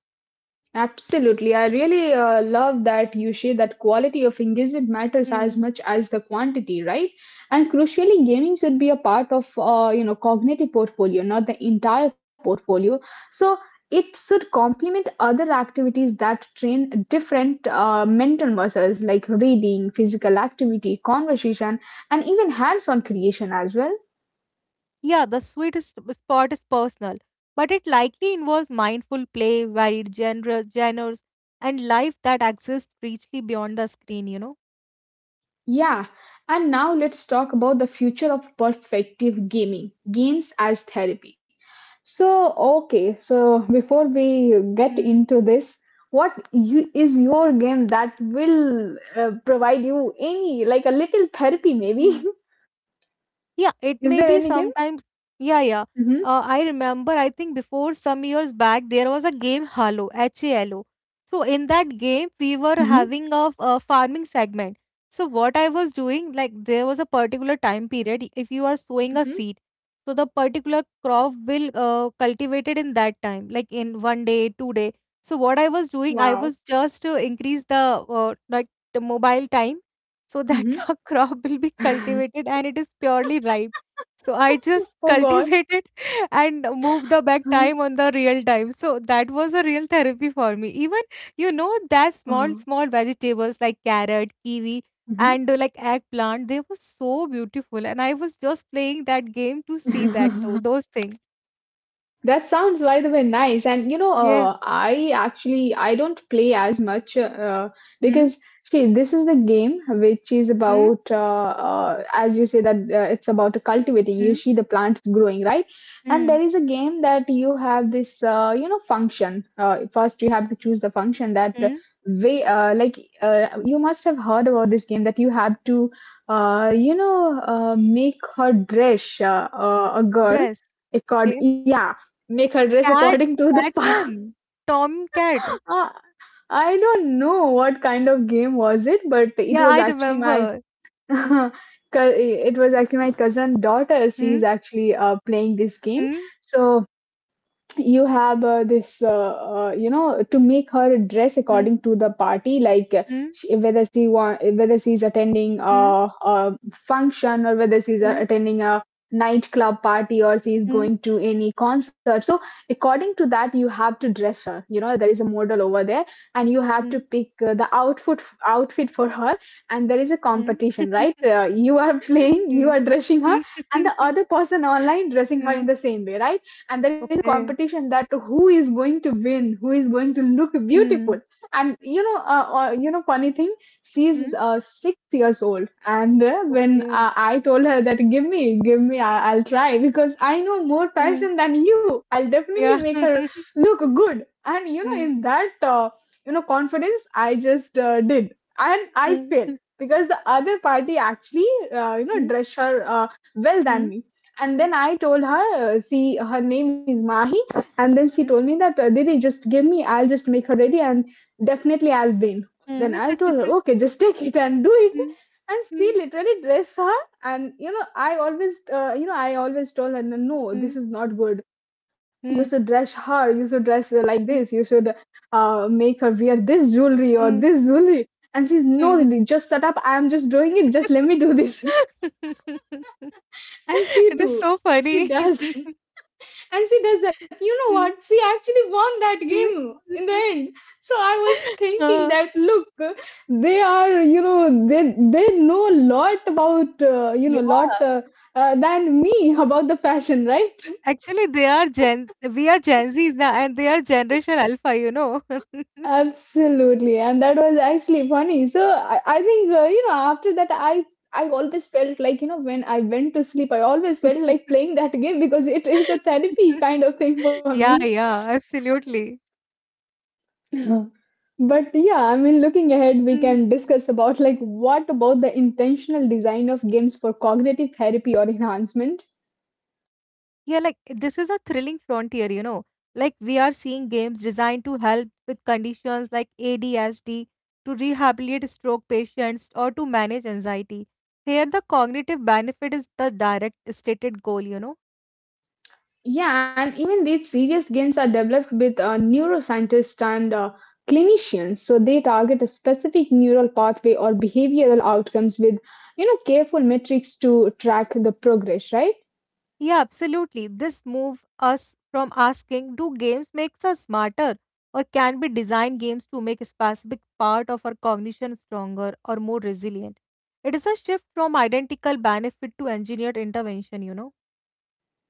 Speaker 1: Absolutely. I really love that you share that quality of engagement matters as
Speaker 2: Hmm.
Speaker 1: much as the quantity, right? And crucially, gaming should be a part of, you know, cognitive portfolio, not the entire portfolio. So it should complement other activities that train different mental muscles like reading, physical activity, conversation, and even hands-on creation as well.
Speaker 2: Yeah, the sweetest spot is personal, but it likely involves mindful play, varied genres, and life that exists richly beyond the screen, you know.
Speaker 1: Yeah, and now let's talk about the future of perspective gaming, games as therapy. So, okay, so before we get
Speaker 2: Hmm.
Speaker 1: into this, is your game that will provide you any, like a little therapy
Speaker 2: Hmm.
Speaker 1: maybe?
Speaker 2: Yeah, it
Speaker 1: Is
Speaker 2: may
Speaker 1: there
Speaker 2: be
Speaker 1: any game?
Speaker 2: sometimes. Yeah, yeah.
Speaker 1: Mm-hmm,
Speaker 2: I remember, I think before some years back, there was a game Halo, Halo. So in that game, we were
Speaker 1: mm-hmm,
Speaker 2: having a farming segment. So what I was doing, like there was a particular time period, if you are sowing a
Speaker 1: mm-hmm.
Speaker 2: seed, so the particular crop will cultivated in that time, like in one day, two day. So what I was doing, I
Speaker 1: Wow.
Speaker 2: was just to increase the like the mobile time so that a crop will be
Speaker 1: Mm-hmm.
Speaker 2: cultivated and it is purely ripe. So I just
Speaker 1: Oh God.
Speaker 2: cultivate it and move the back time on the real time. So that was a real therapy for me. Even you know that small small vegetables like carrot, kiwi,
Speaker 1: Mm-hmm.
Speaker 2: and like eggplant, they were so beautiful, and I was just playing that game to see that though those things.
Speaker 1: That sounds, by the way, nice. And you know,
Speaker 2: Yes.
Speaker 1: I don't play as much
Speaker 2: Hmm.
Speaker 1: because see, this is the game which is
Speaker 2: Hmm.
Speaker 1: about, as you say that it's about cultivating.
Speaker 2: Hmm.
Speaker 1: You see the plants growing, right? And
Speaker 2: Hmm.
Speaker 1: there is a game that you have this, you know, function. First, you have to choose the function that
Speaker 2: Hmm.
Speaker 1: way, like you must have heard about this game that you have to, you know, make her dress a girl,
Speaker 2: Dress.
Speaker 1: it called
Speaker 2: Okay.
Speaker 1: make her dress
Speaker 2: Cat.
Speaker 1: according to the
Speaker 2: Cat one. Tom Cat.
Speaker 1: Uh, I don't know what kind of game was it, but it
Speaker 2: Yeah,
Speaker 1: was
Speaker 2: I
Speaker 1: actually my
Speaker 2: remember.
Speaker 1: cou- it was actually my cousin daughter,
Speaker 2: Mhm,
Speaker 1: she's actually playing this game.
Speaker 2: mhm,
Speaker 1: So you have this you know, to make her dress
Speaker 2: mhm,
Speaker 1: according to the party, like
Speaker 2: mhm,
Speaker 1: she, whether she want whether she's attending
Speaker 2: mhm,
Speaker 1: a function, or whether she's
Speaker 2: mhm,
Speaker 1: attending a nightclub party, or she's
Speaker 2: mhm,
Speaker 1: going to any concert. So according to that, you have to dress her. You know, there is a model over there and you have to
Speaker 2: mhm,
Speaker 1: pick the outfit for her. And there is a
Speaker 2: mhm, mhm, mhm,
Speaker 1: competition, right?
Speaker 2: mhm.
Speaker 1: You are playing, you are dressing her, and the other person online dressing her in the same way, right? And there is a
Speaker 2: Okay.
Speaker 1: competition, that who is going to win, who is going to look beautiful.
Speaker 2: Mhm,
Speaker 1: And you know, you know, funny thing, she is
Speaker 2: mhm,
Speaker 1: 6 years old. And when
Speaker 2: okay.
Speaker 1: I told her that, give me, give me, I'll try, because I know more
Speaker 2: Mhm,
Speaker 1: fashion than you, I'll definitely
Speaker 2: ja.
Speaker 1: make her look good. And you know,
Speaker 2: Mhm,
Speaker 1: in that you know, confidence, I just did, and I failed,
Speaker 2: mhm,
Speaker 1: because the other party actually you know,
Speaker 2: mhm,
Speaker 1: dressed her well than
Speaker 2: mhm,
Speaker 1: me. And then I told her, see, her name is Mahi. And then she told
Speaker 2: mhm,
Speaker 1: me that, Didi, just give me, I'll just make her ready, and definitely I'll win. Then I
Speaker 2: mhm,
Speaker 1: told her, okay, just take it and do it.
Speaker 2: mhm,
Speaker 1: And
Speaker 2: mhm, mhm,
Speaker 1: she literally dressed her. And, you know, I always, I always told her, no, this
Speaker 2: mhm,
Speaker 1: is not good, you should dress her, you should dress her like
Speaker 2: mhm,
Speaker 1: this, you should make her wear this jewelry or
Speaker 2: mhm,
Speaker 1: this jewelry. And she's no,
Speaker 2: mhm.
Speaker 1: Didi, just shut up, I'm just doing it, just let me do this. And she
Speaker 2: It is
Speaker 1: do
Speaker 2: so
Speaker 1: she
Speaker 2: funny.
Speaker 1: does and she does that. You know
Speaker 2: Mhm,
Speaker 1: what, she actually won that
Speaker 2: mhm.
Speaker 1: game in the end. So I was thinking
Speaker 2: Ah.
Speaker 1: that, look, they are, you know, they know a lot about, you know lot than me, about the fashion, right?
Speaker 2: Actually, they are Gen, we are Gen Zs now, and they are Generation Alpha, you know.
Speaker 1: Absolutely, and that was actually funny. So I think you know, after that, I always felt like, you know, when I went to sleep, I always felt like playing that game, because it is a therapy kind of thing for me.
Speaker 2: Yeah, yeah, absolutely.
Speaker 1: But yeah, I mean, looking ahead, we
Speaker 2: Mm.
Speaker 1: can discuss about, like, what about the intentional design of games for cognitive therapy or enhancement.
Speaker 2: Yeah, like this is a thrilling frontier, you know. Like we are seeing games designed to help with conditions like ADHD, to rehabilitate stroke patients, or to manage anxiety. Here, the cognitive benefit is the direct stated goal, you know.
Speaker 1: Yeah, and even these serious gains are developed with neuroscientists and clinicians. So they target a specific neural pathway or behavioral outcomes with, you know, careful metrics to track the progress, right?
Speaker 2: Yeah, absolutely. This move us from asking, do games makes us smarter? Or can we design games to make a specific part of our cognition stronger or more resilient? It is a shift from identical benefit to engineered intervention, you know.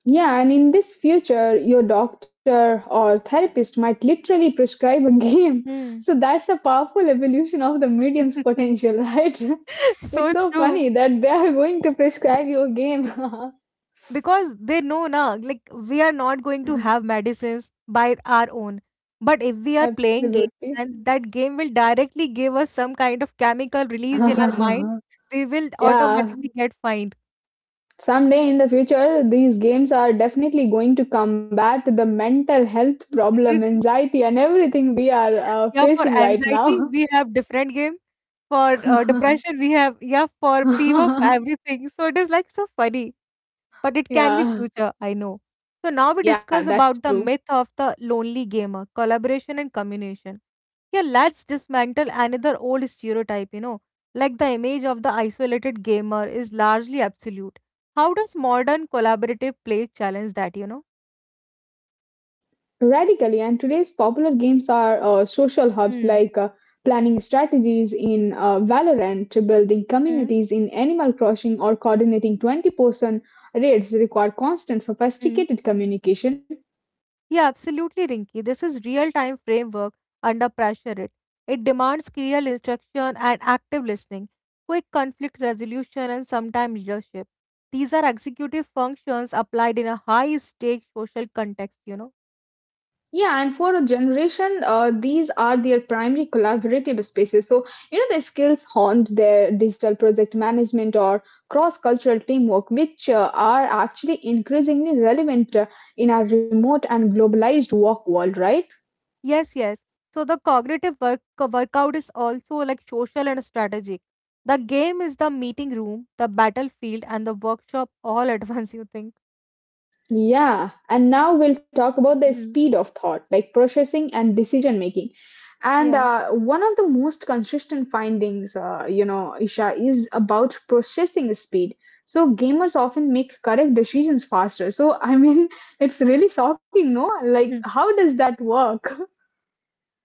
Speaker 1: Yeah, and in this future, your doctor or therapist might literally prescribe a game.
Speaker 2: Hmm.
Speaker 1: So that's a powerful evolution of the medium's potential, right? It's
Speaker 2: So
Speaker 1: so
Speaker 2: true.
Speaker 1: funny that they are going to prescribe you a game.
Speaker 2: Because they know na, like we are not going to have medicines by our own, but if we are playing game and that game will directly give us some kind of chemical release in our mind,
Speaker 1: Absolutely.
Speaker 2: we will
Speaker 1: Yeah,
Speaker 2: automatically get fined.
Speaker 1: someday in the future, these games are definitely going to combat the mental health problem, anxiety, and everything we are
Speaker 2: Yeah, for
Speaker 1: facing right
Speaker 2: anxiety
Speaker 1: now.
Speaker 2: we have different game, for depression we have, yeah, for fever, for everything, so it is like so funny, but it can be
Speaker 1: Yeah,
Speaker 2: future, I know. So now we
Speaker 1: yeah,
Speaker 2: discuss
Speaker 1: that's
Speaker 2: about
Speaker 1: true.
Speaker 2: the myth of the lonely gamer, collaboration and communication. Here, let's dismantle another old stereotype, you know, like the image of the isolated gamer is largely absolute. How does modern collaborative play challenge that, you know?
Speaker 1: Radically, and today's popular games are social hubs,
Speaker 2: Mm,
Speaker 1: like planning strategies in Valorant, building communities in Animal Crossing, or coordinating 20-person raids require constant,
Speaker 2: mm.
Speaker 1: sophisticated communication.
Speaker 2: Yeah, absolutely, Rinki. This is real-time framework under pressure. It demands clear instruction and active listening, quick conflict resolution, and sometimes leadership. These are executive functions applied in a high-stake social context, you know.
Speaker 1: Yeah, and for a generation, these are their primary collaborative spaces. So, you know, their skills honed their digital project management or cross cultural teamwork, which are actually increasingly relevant in our remote and globalized work world, right?
Speaker 2: Yes, yes. So the cognitive workout is also like social and strategic. The game is the meeting room, the battlefield, and the workshop all at once. You think?
Speaker 1: Yeah, and now we'll talk about the
Speaker 2: Hmm.
Speaker 1: speed of thought, like processing and decision making. And
Speaker 2: Yeah.
Speaker 1: one of the most consistent findings, you know, Isha, is about processing speed. So gamers often make correct decisions faster. So I mean, it's really shocking, no? Like, how does that work?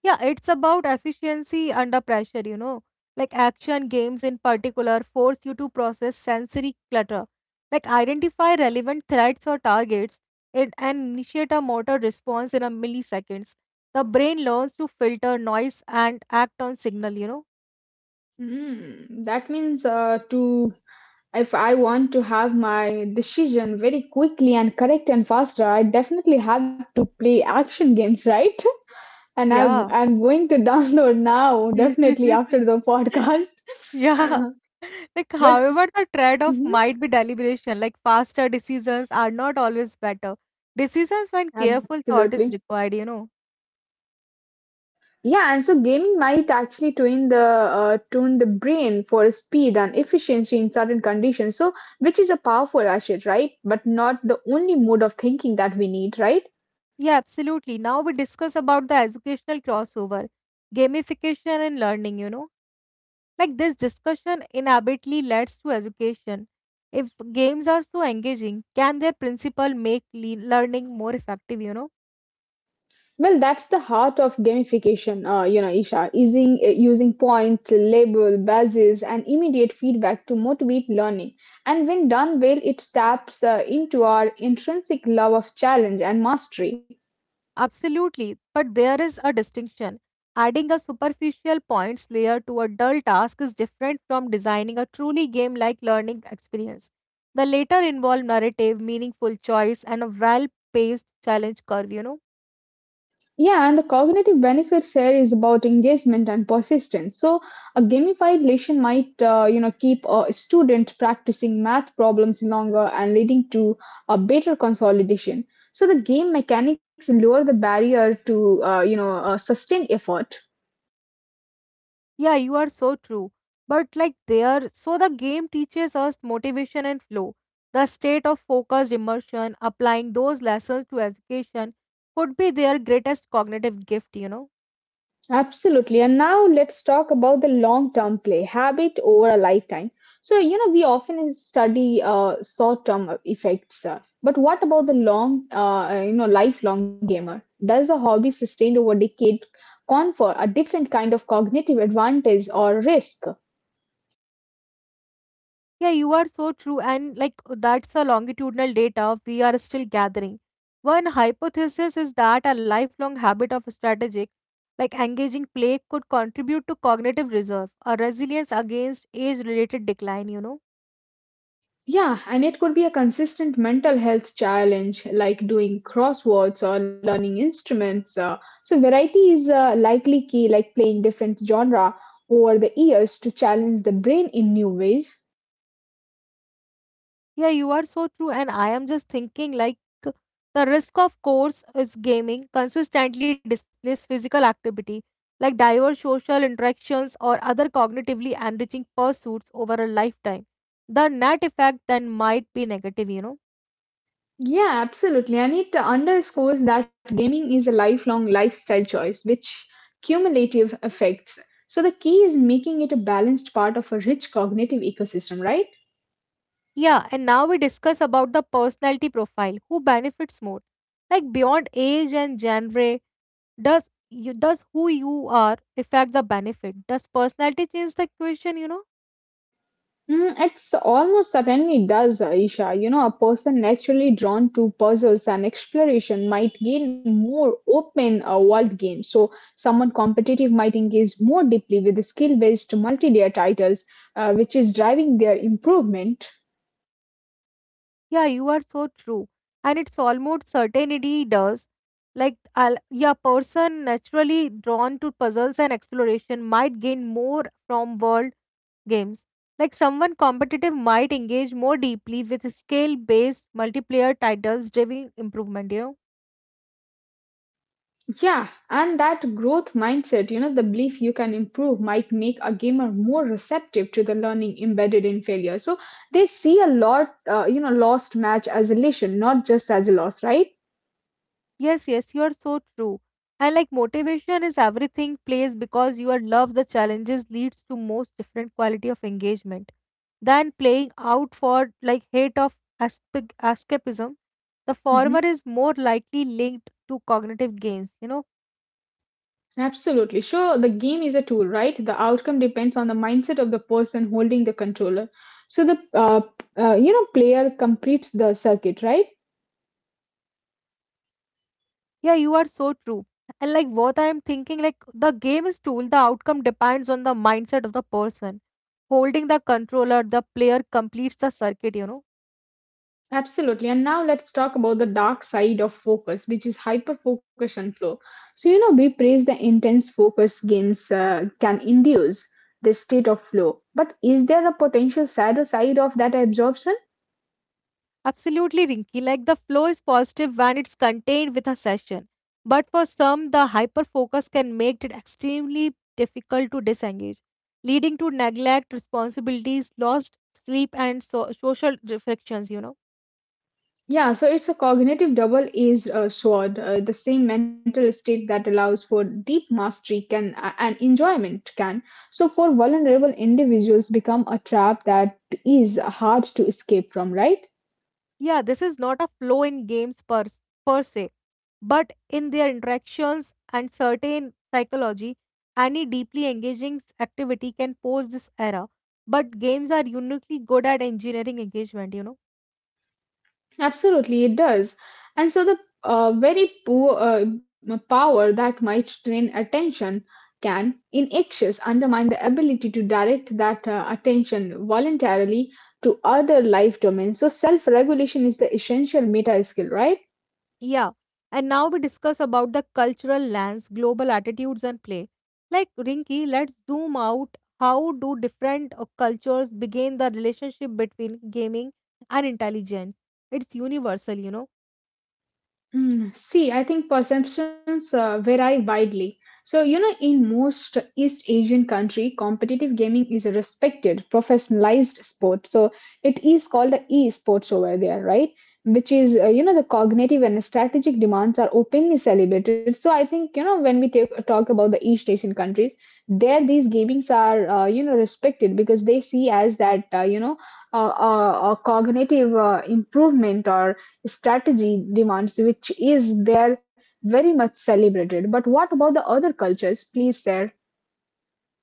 Speaker 2: Yeah, it's about efficiency under pressure, you know. Like action games in particular force you to process sensory clutter, like identify relevant threats or targets and initiate a motor response in a milliseconds. The brain learns to filter noise and act on signal, you know.
Speaker 1: Hmm, that means to if I want to have my decision very quickly and correct and faster, I definitely have to play action games, right? And I'm
Speaker 2: Yeah.
Speaker 1: I'm going to download now, definitely after the podcast.
Speaker 2: Yeah. Like,
Speaker 1: But
Speaker 2: however, the trade-off
Speaker 1: mhm,
Speaker 2: might be deliberation. Like, faster decisions are not always better. Decisions when careful thought
Speaker 1: absolutely,
Speaker 2: is required, you know.
Speaker 1: yeah. And so gaming might actually tune the brain for speed and efficiency in certain conditions. So, which is a powerful asset, right? But not the only mode of thinking that we need, right?
Speaker 2: Yeah, absolutely. Now we discuss about the educational crossover, gamification and learning, you know. Like this discussion inevitably leads to education. If games are so engaging, can their principle make learning more effective,
Speaker 1: Well, that's the heart of gamification, you know, Isha, using, points, label, badges, and immediate feedback to motivate learning. And when done well, it taps into our intrinsic love of challenge and mastery.
Speaker 2: Absolutely. But there is a distinction. Adding a superficial points layer to a dull task is different from designing a truly game like learning experience. The latter involve narrative, meaningful choice, and a well paced challenge curve,
Speaker 1: Yeah, and the cognitive benefits here is about engagement and persistence. So, a gamified lesson might, you know, keep a student practicing math problems longer and leading to a better consolidation. So, the game mechanics lower the barrier to, sustained effort.
Speaker 2: Yeah, you are so true. But like there, so the game teaches us motivation and flow. The state of focused immersion, applying those lessons to education, could be their greatest cognitive gift,
Speaker 1: Absolutely. And now let's talk about the long term play habit over a lifetime. So, you know, we often study short term effects, but what about the long, you know, lifelong gamer? Does a hobby sustained over decade confer a different kind of cognitive advantage or risk?
Speaker 2: Yeah, you are so true. And like that's the longitudinal data we are still gathering. One hypothesis is that a lifelong habit of strategic, like engaging play, could contribute to cognitive reserve, a resilience against age related decline,
Speaker 1: Yeah, and it could be a consistent mental health challenge like doing crosswords or learning instruments. So variety is likely key, like playing different genre over the years to challenge the brain in new ways.
Speaker 2: Yeah, you are so true. And I am just thinking like the risk of course is gaming consistently displays physical activity like diverse social interactions or other cognitively enriching pursuits over a lifetime. The net effect then might be negative,
Speaker 1: Yeah, absolutely. And it underscores that gaming is a lifelong lifestyle choice, which cumulative effects. So the key is making it a balanced part of a rich cognitive ecosystem, right?
Speaker 2: Yeah, and now we discuss about the personality profile. Who benefits more? Like beyond age and genre, does does who you are affect the benefit? Does personality change the equation,
Speaker 1: Mm, it's almost certainly does, Aisha. You know, a person naturally drawn to puzzles and exploration might gain more open world games. So, someone competitive might engage more deeply with the skill-based multi-layer titles, which is driving their improvement.
Speaker 2: Yeah, you are so true. And it's almost certainty does. Like, I'll, yeah, person naturally drawn to puzzles and exploration might gain more from world games. Like, someone competitive might engage more deeply with scale based multiplayer titles driving improvement,
Speaker 1: Yeah, and that growth mindset, you know, the belief you can improve might make a gamer more receptive to the learning embedded in failure. So, they see a lot, you know, lost match as a lesson, not just as a loss, right?
Speaker 2: Yes, yes, you are so true. And like motivation is everything plays because your love the challenges leads to most different quality of engagement than playing out for like hate of escapism. The former
Speaker 1: Mm-hmm.
Speaker 2: is more likely linked to cognitive gains,
Speaker 1: Absolutely. Sure, the game is a tool, right? The outcome depends on the mindset of the person holding the controller. So the you know, player completes the circuit, right?
Speaker 2: Yeah, you are so true. And like what I am thinking, like the game is tool, the outcome depends on the mindset of the person. Holding the controller, the player completes the circuit,
Speaker 1: Absolutely. And now let's talk about the dark side of focus, which is hyper focus and flow. So you know, we praise the intense focus games can induce this state of flow, but is there a potential shadow side of that absorption?
Speaker 2: Absolutely, Rinky. Like the flow is positive when it's contained with a session. But for some, the hyper focus can make it extremely difficult to disengage, leading to neglect, responsibilities, lost sleep, and social frictions.
Speaker 1: Yeah, so it's a cognitive double-edged sword. The same mental state that allows for deep mastery can and enjoyment can, so for vulnerable individuals, become a trap that is hard to escape from, right?
Speaker 2: Yeah, this is not a flow in games per se, but in their interactions and certain psychology, any deeply engaging activity can pose this error. But games are uniquely good at engineering engagement,
Speaker 1: Absolutely, it does. And so the very poor power that might strain attention can, in excess, undermine the ability to direct that attention voluntarily to other life domains. So self-regulation is the essential meta skill, right?
Speaker 2: Yeah, and now we discuss about the cultural lens, global attitudes, and play. Like Rinky, let's zoom out. How do different cultures begin the relationship between gaming and intelligence? It's universal,
Speaker 1: Mm, see, I think perceptions vary widely. So, you know, in most East Asian country, competitive gaming is a respected, professionalized sport. So, it is called a e-sports over there, right? Which is, you know, the cognitive and strategic demands are openly celebrated. So, I think, you know, when we talk about the East Asian countries, there these gamings are, you know, respected, because they see as that, a cognitive improvement or strategy demands, which is there very much celebrated. But what about the other cultures? Please share.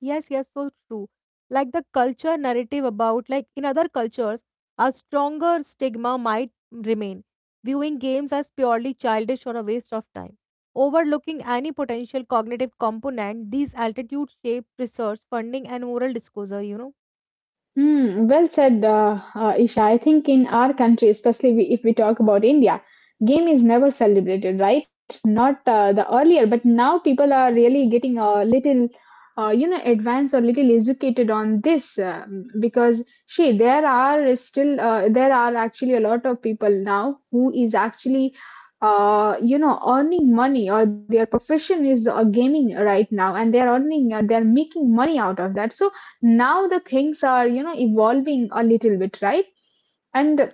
Speaker 2: Yes, yes, so true. Like the culture narrative about, like in other cultures, a stronger stigma might remain, viewing games as purely childish or a waste of time. Overlooking any potential cognitive component, these attitudes shape research, funding, and moral disclosure,
Speaker 1: Hmm, well said, Isha. I think in our country, especially we, if we talk about India, game is never celebrated, right? Not the earlier, but now people are really getting a little, advanced or little educated on this because she there are still there are actually a lot of people now who is actually, earning money or their profession is gaming right now, and they are earning, they are making money out of that. So now the things are, evolving a little bit, right? And,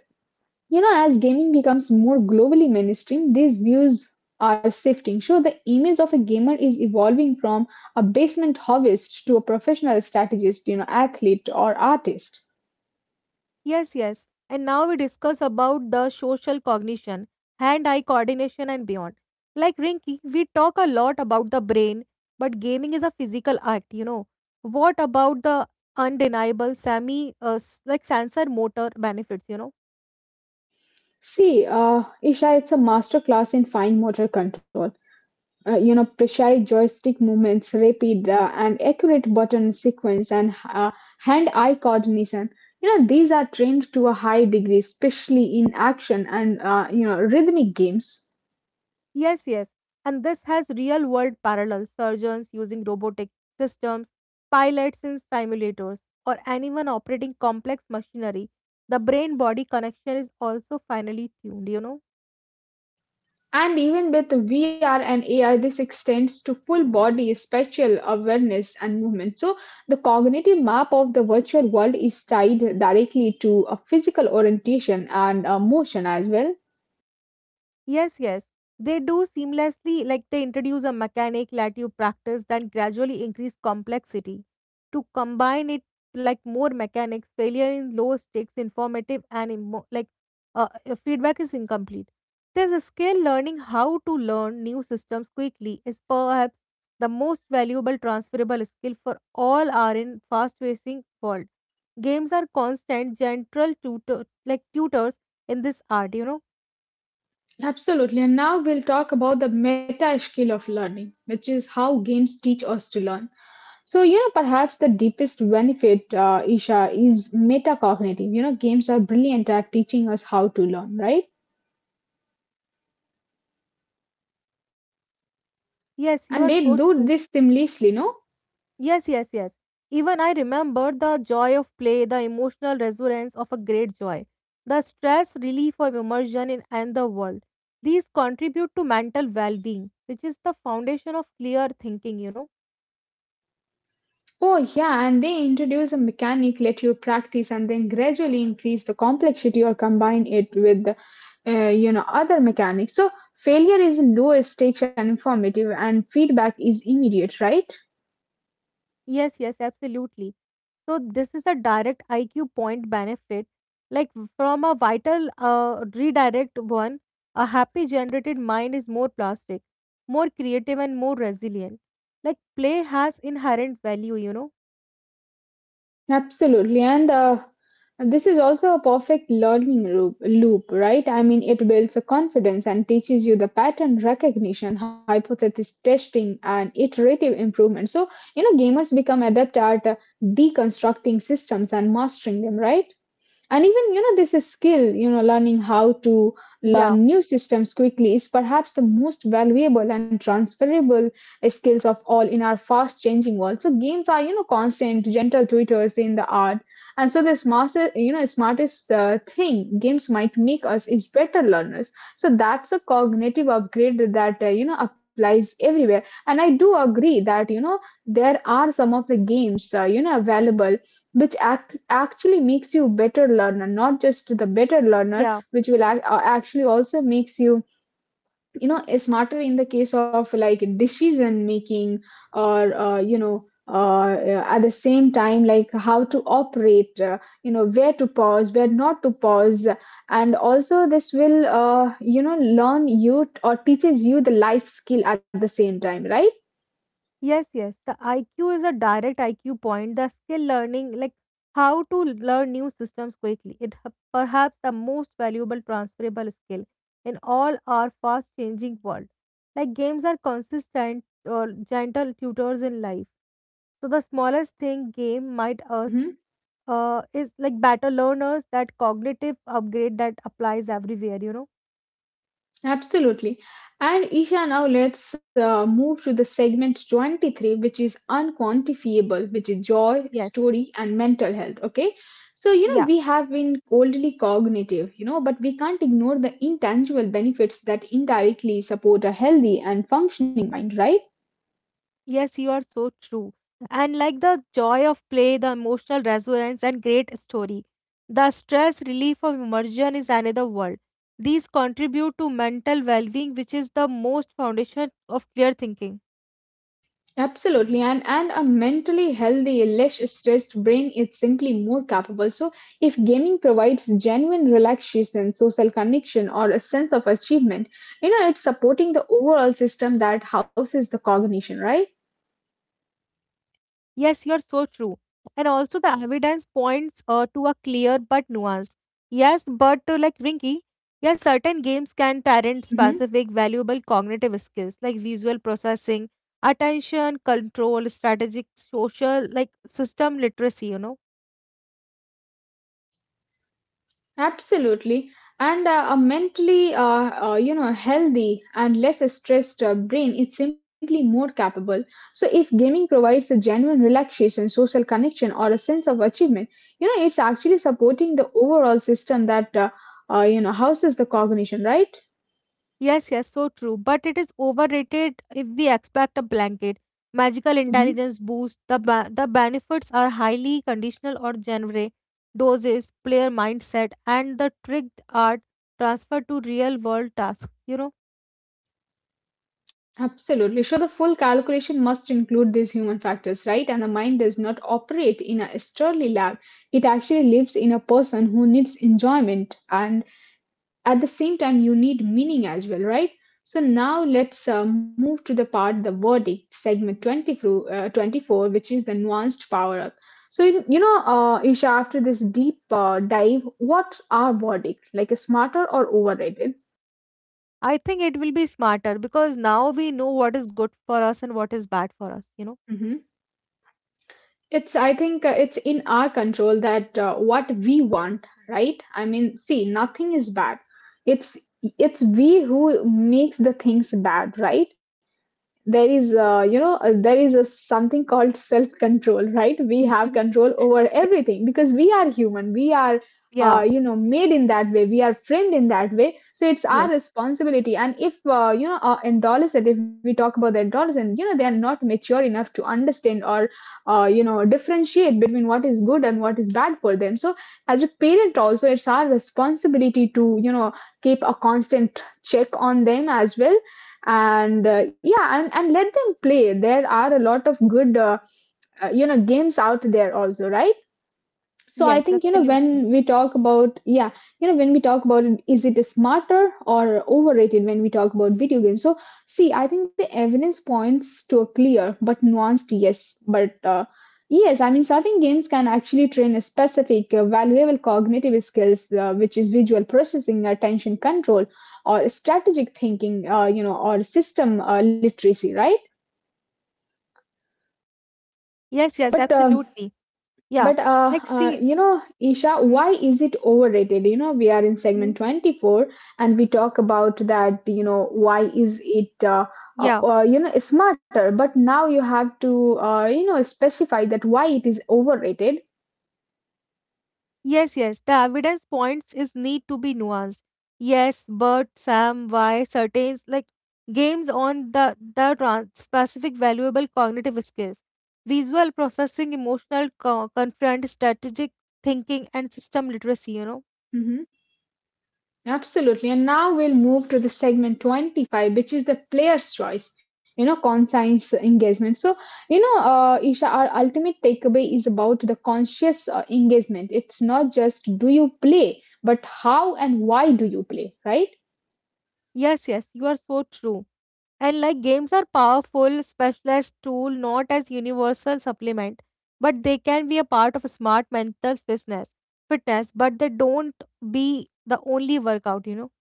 Speaker 1: you know, as gaming becomes more globally mainstream, these views are shifting. So the image of a gamer is evolving from a basement hobbyist to a professional strategist, you know, athlete or artist.
Speaker 2: Yes, yes. And now we discuss about the social cognition, hand-eye coordination and beyond. Like Rinky, we talk a lot about the brain, but gaming is a physical act, What about the undeniable semi like sensor motor benefits,
Speaker 1: See, Isha, it's a masterclass in fine motor control, you know, precise joystick movements, rapid and accurate button sequence, and hand eye coordination. You know, these are trained to a high degree, especially in action and, you know, rhythmic games.
Speaker 2: Yes, yes. And this has real-world parallels. Surgeons using robotic systems, pilots in simulators, or anyone operating complex machinery. The brain-body connection is also finely tuned,
Speaker 1: And even with VR and AI, this extends to full body spatial awareness and movement. So the cognitive map of the virtual world is tied directly to a physical orientation and motion as well.
Speaker 2: Yes, yes. They do seamlessly, like they introduce a mechanic, let you practice, then gradually increase complexity. To combine it like more mechanics, failure in low stakes, informative, and like feedback is incomplete. There's a skill learning how to learn new systems quickly is perhaps the most valuable transferable skill for all are in fast-paced world. Games are constant, gentle tutor like tutors in this art,
Speaker 1: Absolutely. And now we'll talk about the meta skill of learning, which is how games teach us to learn. So, you know, perhaps the deepest benefit, Isha, is metacognitive. You know, games are brilliant at teaching us how to learn, right?
Speaker 2: Yes,
Speaker 1: And
Speaker 2: you are
Speaker 1: they
Speaker 2: so
Speaker 1: do
Speaker 2: true.
Speaker 1: this seamlessly, no?
Speaker 2: Yes, yes, yes. Even I remember the joy of play, the emotional resonance of a great joy, the stress relief of immersion in another world. These contribute to mental well being, which is the foundation of clear thinking,
Speaker 1: Oh, yeah. And they introduce a mechanic, let you practice, and then gradually increase the complexity or combine it with, other mechanics. So failure is low stakes and informative, and feedback is immediate, right?
Speaker 2: Yes, yes, absolutely. So, this is a direct IQ point benefit, like from a vital redirect one. A happy generated mind is more plastic, more creative, and more resilient. Like play has inherent value,
Speaker 1: Absolutely. And this is also a perfect learning loop, right? I mean, it builds a confidence and teaches you the pattern recognition, hypothesis testing, and iterative improvement. So, you know, gamers become adept at deconstructing systems and mastering them, right? And even, you know, this is skill, you know, learning how to learn
Speaker 2: Yeah.
Speaker 1: new systems quickly is perhaps the most valuable and transferable skills of all in our fast changing world. So games are, you know, constant gentle tutors in the art. And so the smartest, you know, smartest thing games might make us is better learners. So that's a cognitive upgrade that, you know, applies everywhere. And I do agree that, you know, there are some of the games, you know, available which actually makes you a better learner, not just the better learner,
Speaker 2: Yeah.
Speaker 1: which will actually also makes you, you know, smarter in the case of like decision making or, you know, at the same time, like how to operate, you know, where to pause, where not to pause. And also this will, you know, learn you or teaches you the life skill at the same time, right?
Speaker 2: Yes, yes. The IQ is a direct IQ point. The skill learning, like how to learn new systems quickly, it perhaps the most valuable transferable skill in all our fast changing world. Like games are consistent or gentle tutors in life. So the smallest thing game might us
Speaker 1: Hmm.
Speaker 2: is like better learners that cognitive upgrade that applies everywhere,
Speaker 1: Absolutely. And Isha, now let's move to the segment 23, which is unquantifiable, which is joy,
Speaker 2: Yes.
Speaker 1: story, and mental health. Okay. So, you know,
Speaker 2: Yeah.
Speaker 1: we have been coldly cognitive, you know, but we can't ignore the intangible benefits that indirectly support a healthy and functioning mind, right?
Speaker 2: Yes, you are so true. And like the joy of play, the emotional resonance, and great story. The stress relief of immersion is another world. These contribute to mental well being, which is the most foundation of clear thinking.
Speaker 1: Absolutely. And a mentally healthy, less stressed brain is simply more capable. So if gaming provides genuine relaxation, social connection, or a sense of achievement, you know, it's supporting the overall system that houses the cognition, right?
Speaker 2: Yes, you're so true. And also, the evidence points to a clear but nuanced. Yes, but like Rinky, yes, certain games can parent
Speaker 1: Mhm.
Speaker 2: specific valuable cognitive skills like visual processing, attention, control, strategic, social, like system literacy,
Speaker 1: Absolutely. And a mentally, you know, healthy and less stressed brain is simply more capable. So if gaming provides a genuine relaxation, social connection, or a sense of achievement, you know, it's actually supporting the overall system that, houses the cognition, right?
Speaker 2: Yes, yes, so true. But it is overrated if we expect a blanket magical
Speaker 1: Hmm.
Speaker 2: intelligence boost. The the benefits are highly conditional or genre doses, player mindset, and the tricked art transferred to real world tasks.
Speaker 1: Absolutely. So the full calculation must include these human factors, right? And the mind does not operate in a sturdy lab. It actually lives in a person who needs enjoyment, and at the same time you need meaning as well, right? So now let's move to the part, the verdict segment 20 through, 24, which is the nuanced power up. So, you know, Isha, after this deep dive, what are verdict, like a smarter or overrated?
Speaker 2: I think it will be smarter because now we know what is good for us and what is bad for us. You know.
Speaker 1: Hmm, it's, I think, it's in our control that, what we want, right? I mean, see, nothing is bad. it's it's we who makes the things bad, right? There is, you know, there is a something called self control, right? We have control over
Speaker 2: Yeah.
Speaker 1: everything because we are human. We are,
Speaker 2: Yeah,
Speaker 1: you know, made in that way. We are framed in that way. So it's our
Speaker 2: yes.
Speaker 1: responsibility. And if, you know, adolescent, if we talk about the adolescent, you know, they are not mature enough to understand or, you know, differentiate between what is good and what is bad for them. So as a parent also, it's our responsibility to, you know, keep a constant check on them as well. And yeah, and let them play. There are a lot of good, you know, games out there also, right? So I
Speaker 2: Yes.
Speaker 1: think, you know,
Speaker 2: Absolutely.
Speaker 1: when we talk about, yeah, you know, when we talk about it, is it smarter or overrated when we talk about video games? So see, I think the evidence points to a clear but nuanced yes. But yes, I mean, certain games can actually train a specific valuable cognitive skills, which is visual processing, attention control, or strategic thinking, you know, or system literacy, right?
Speaker 2: Yes. Yes.
Speaker 1: But uh,
Speaker 2: Absolutely. Yeah.
Speaker 1: But uh,
Speaker 2: Like
Speaker 1: uh,
Speaker 2: see.
Speaker 1: you know, Isha, why is it overrated? You know, we are in
Speaker 2: Mm-hmm.
Speaker 1: segment 24, and we talk about that, you know, why is it, you know, smarter, but now you have to, you know, specify that why it is overrated.
Speaker 2: Yes, yes, the evidence points is need to be nuanced. Yes, but Sam, why certain like games on the specific valuable cognitive skills, visual processing, emotional confront, strategic thinking, and system literacy. You know.
Speaker 1: Mhm. Absolutely. And now we'll move to the segment 25, which is the player's choice, you know, conscience engagement. So, you know, Isha, our ultimate takeaway is about the conscious engagement. It's not just do you play, but how and why do you play, right?
Speaker 2: Yes, yes, you are so true. And like games are powerful, specialized tool, not as universal supplement, but they can be a part of smart mental fitness. Fitness, but they don't be the only workout. You know.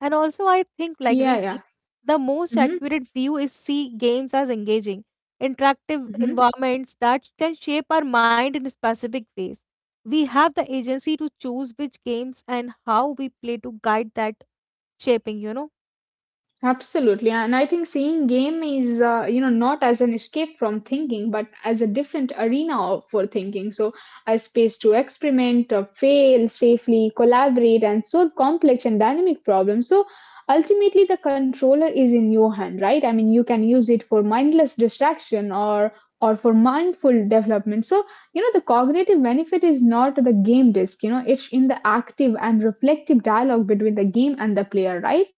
Speaker 2: And also, I think, like
Speaker 1: Yeah,
Speaker 2: Rinki,
Speaker 1: yeah.
Speaker 2: the most
Speaker 1: Mm-hmm.
Speaker 2: accurate view is see games as engaging, interactive
Speaker 1: Mm-hmm.
Speaker 2: environments that can shape our mind in specific ways. We have the agency to choose which games and how we play to guide that shaping,
Speaker 1: Absolutely. And I think seeing game is, you know, not as an escape from thinking, but as a different arena of- for thinking. So a space to experiment, fail safely, collaborate, and solve complex and dynamic problems. So ultimately, the controller is in your hand, right? I mean, you can use it for mindless distraction or for mindful development. So, you know, the cognitive benefit is not the game disc. You know, it's in the active and reflective dialogue between the game and the player, right?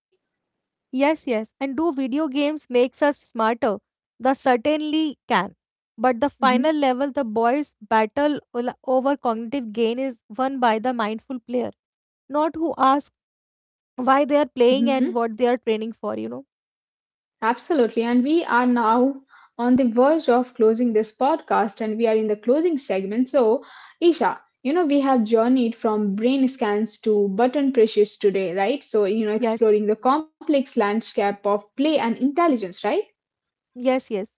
Speaker 2: Yes, yes. And do video games makes us smarter? The certainly can. But the
Speaker 1: Hmm.
Speaker 2: final level, the boys' battle over cognitive gain is won by the mindful player not who asks why they are playing
Speaker 1: Hmm.
Speaker 2: and what they are training for.
Speaker 1: Absolutely. And we are now on the verge of closing this podcast, and we are in the closing segment. So, Isha, you know, we have journeyed from brain scans to button pressures today, right? So, you know,
Speaker 2: Yes,
Speaker 1: exploring the complex landscape of play and intelligence, right?
Speaker 2: yes, yes.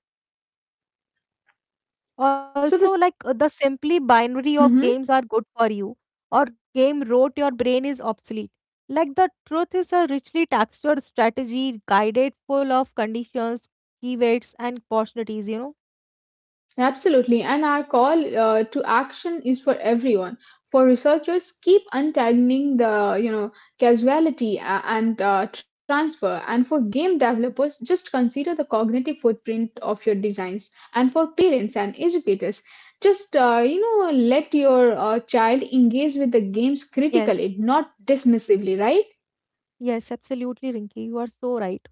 Speaker 1: So, the.
Speaker 2: Also, like the simply binary of
Speaker 1: Mhm.
Speaker 2: games are good for you or game wrote your brain is obsolete. Like the truth is a richly textured strategy guided full of conditions keywords and opportunities.
Speaker 1: Absolutely. And our call to action is for everyone. For researchers, keep untangling the, you know, casuality and transfer, and for game developers, just consider the cognitive footprint of your designs. And for parents and educators, just you know, let your child engage with the games
Speaker 2: yes,
Speaker 1: critically, not dismissively, right?
Speaker 2: yes, absolutely, Rinki. You are so right.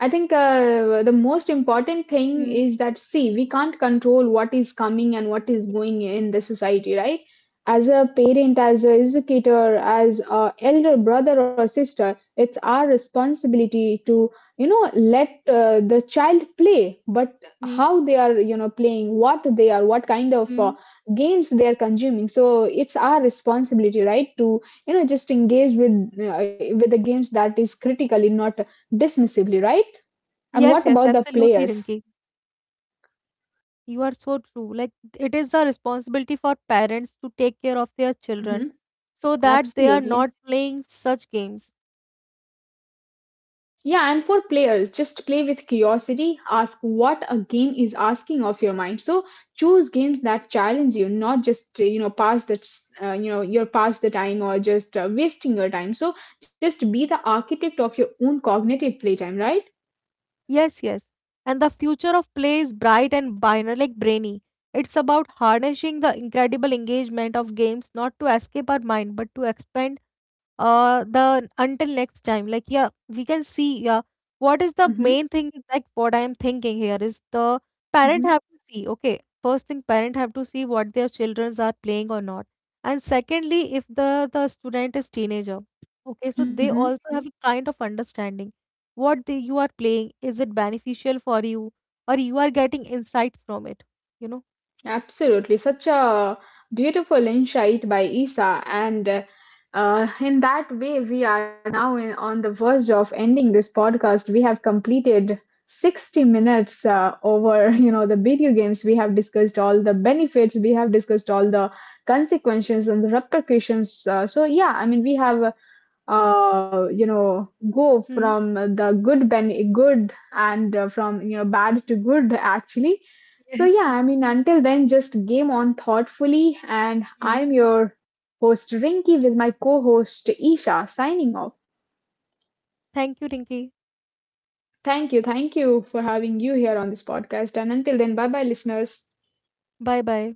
Speaker 1: I think the most important thing
Speaker 2: Mm.
Speaker 1: is that, see, we can't control what is coming and what is going in the society, right? As a parent, as a educator, as a elder brother or sister, it's our responsibility to, you know, let the child play, but
Speaker 2: Mm.
Speaker 1: how they are, you know, playing, what they are, what kind of,
Speaker 2: Mm.
Speaker 1: games they are consuming. So it's our responsibility, right, to, you know, just engage with the games that is critically, not dismissively, right? And
Speaker 2: Yes,
Speaker 1: what
Speaker 2: yes,
Speaker 1: about the
Speaker 2: absolutely,
Speaker 1: players?
Speaker 2: Rinki. You are so true. Like, it is a responsibility for parents to take care of their children
Speaker 1: Hmm.
Speaker 2: so that they are
Speaker 1: Absolutely.
Speaker 2: not playing such games.
Speaker 1: Yeah, and for players, just play with curiosity. Ask what a game is asking of your mind. So choose games that challenge you, not just, you know, pass that, you know, your pass the time or just wasting your time. So just be the architect of your own cognitive playtime, right?
Speaker 2: Yes, yes. And the future of play is bright and binary, like brainy. It's about harnessing the incredible engagement of games, not to escape our mind, but to expand the until next time like yeah we can see. Yeah, what is the
Speaker 1: Hmm.
Speaker 2: main thing is, like what I am thinking here is the parent
Speaker 1: Hmm.
Speaker 2: have to see okay first thing parent have to see what their childrens are playing or not. And secondly if the student is teenager, okay, so they
Speaker 1: Hmm.
Speaker 2: also have a kind of understanding what they, you are playing is it beneficial for you, or you are getting insights from it, you know
Speaker 1: Absolutely, such a beautiful insight by Isa. And in that way, we are now in, on the verge of ending this podcast. We have completed 60 minutes over you know, the video games. We have discussed all the benefits, we have discussed all the consequences and the repercussions. So yeah, I mean, we have, you know, go
Speaker 2: hmm.
Speaker 1: from the good and, from, you know, bad to good actually.
Speaker 2: Yes.
Speaker 1: So yeah, I mean, until then, just game on thoughtfully. And
Speaker 2: Hmm.
Speaker 1: I'm your host Rinky with my co-host Isha signing off.
Speaker 2: Thank you, Rinki.
Speaker 1: Thank you. Thank you for having you here on this podcast. And until then, bye bye listeners.
Speaker 2: Bye bye.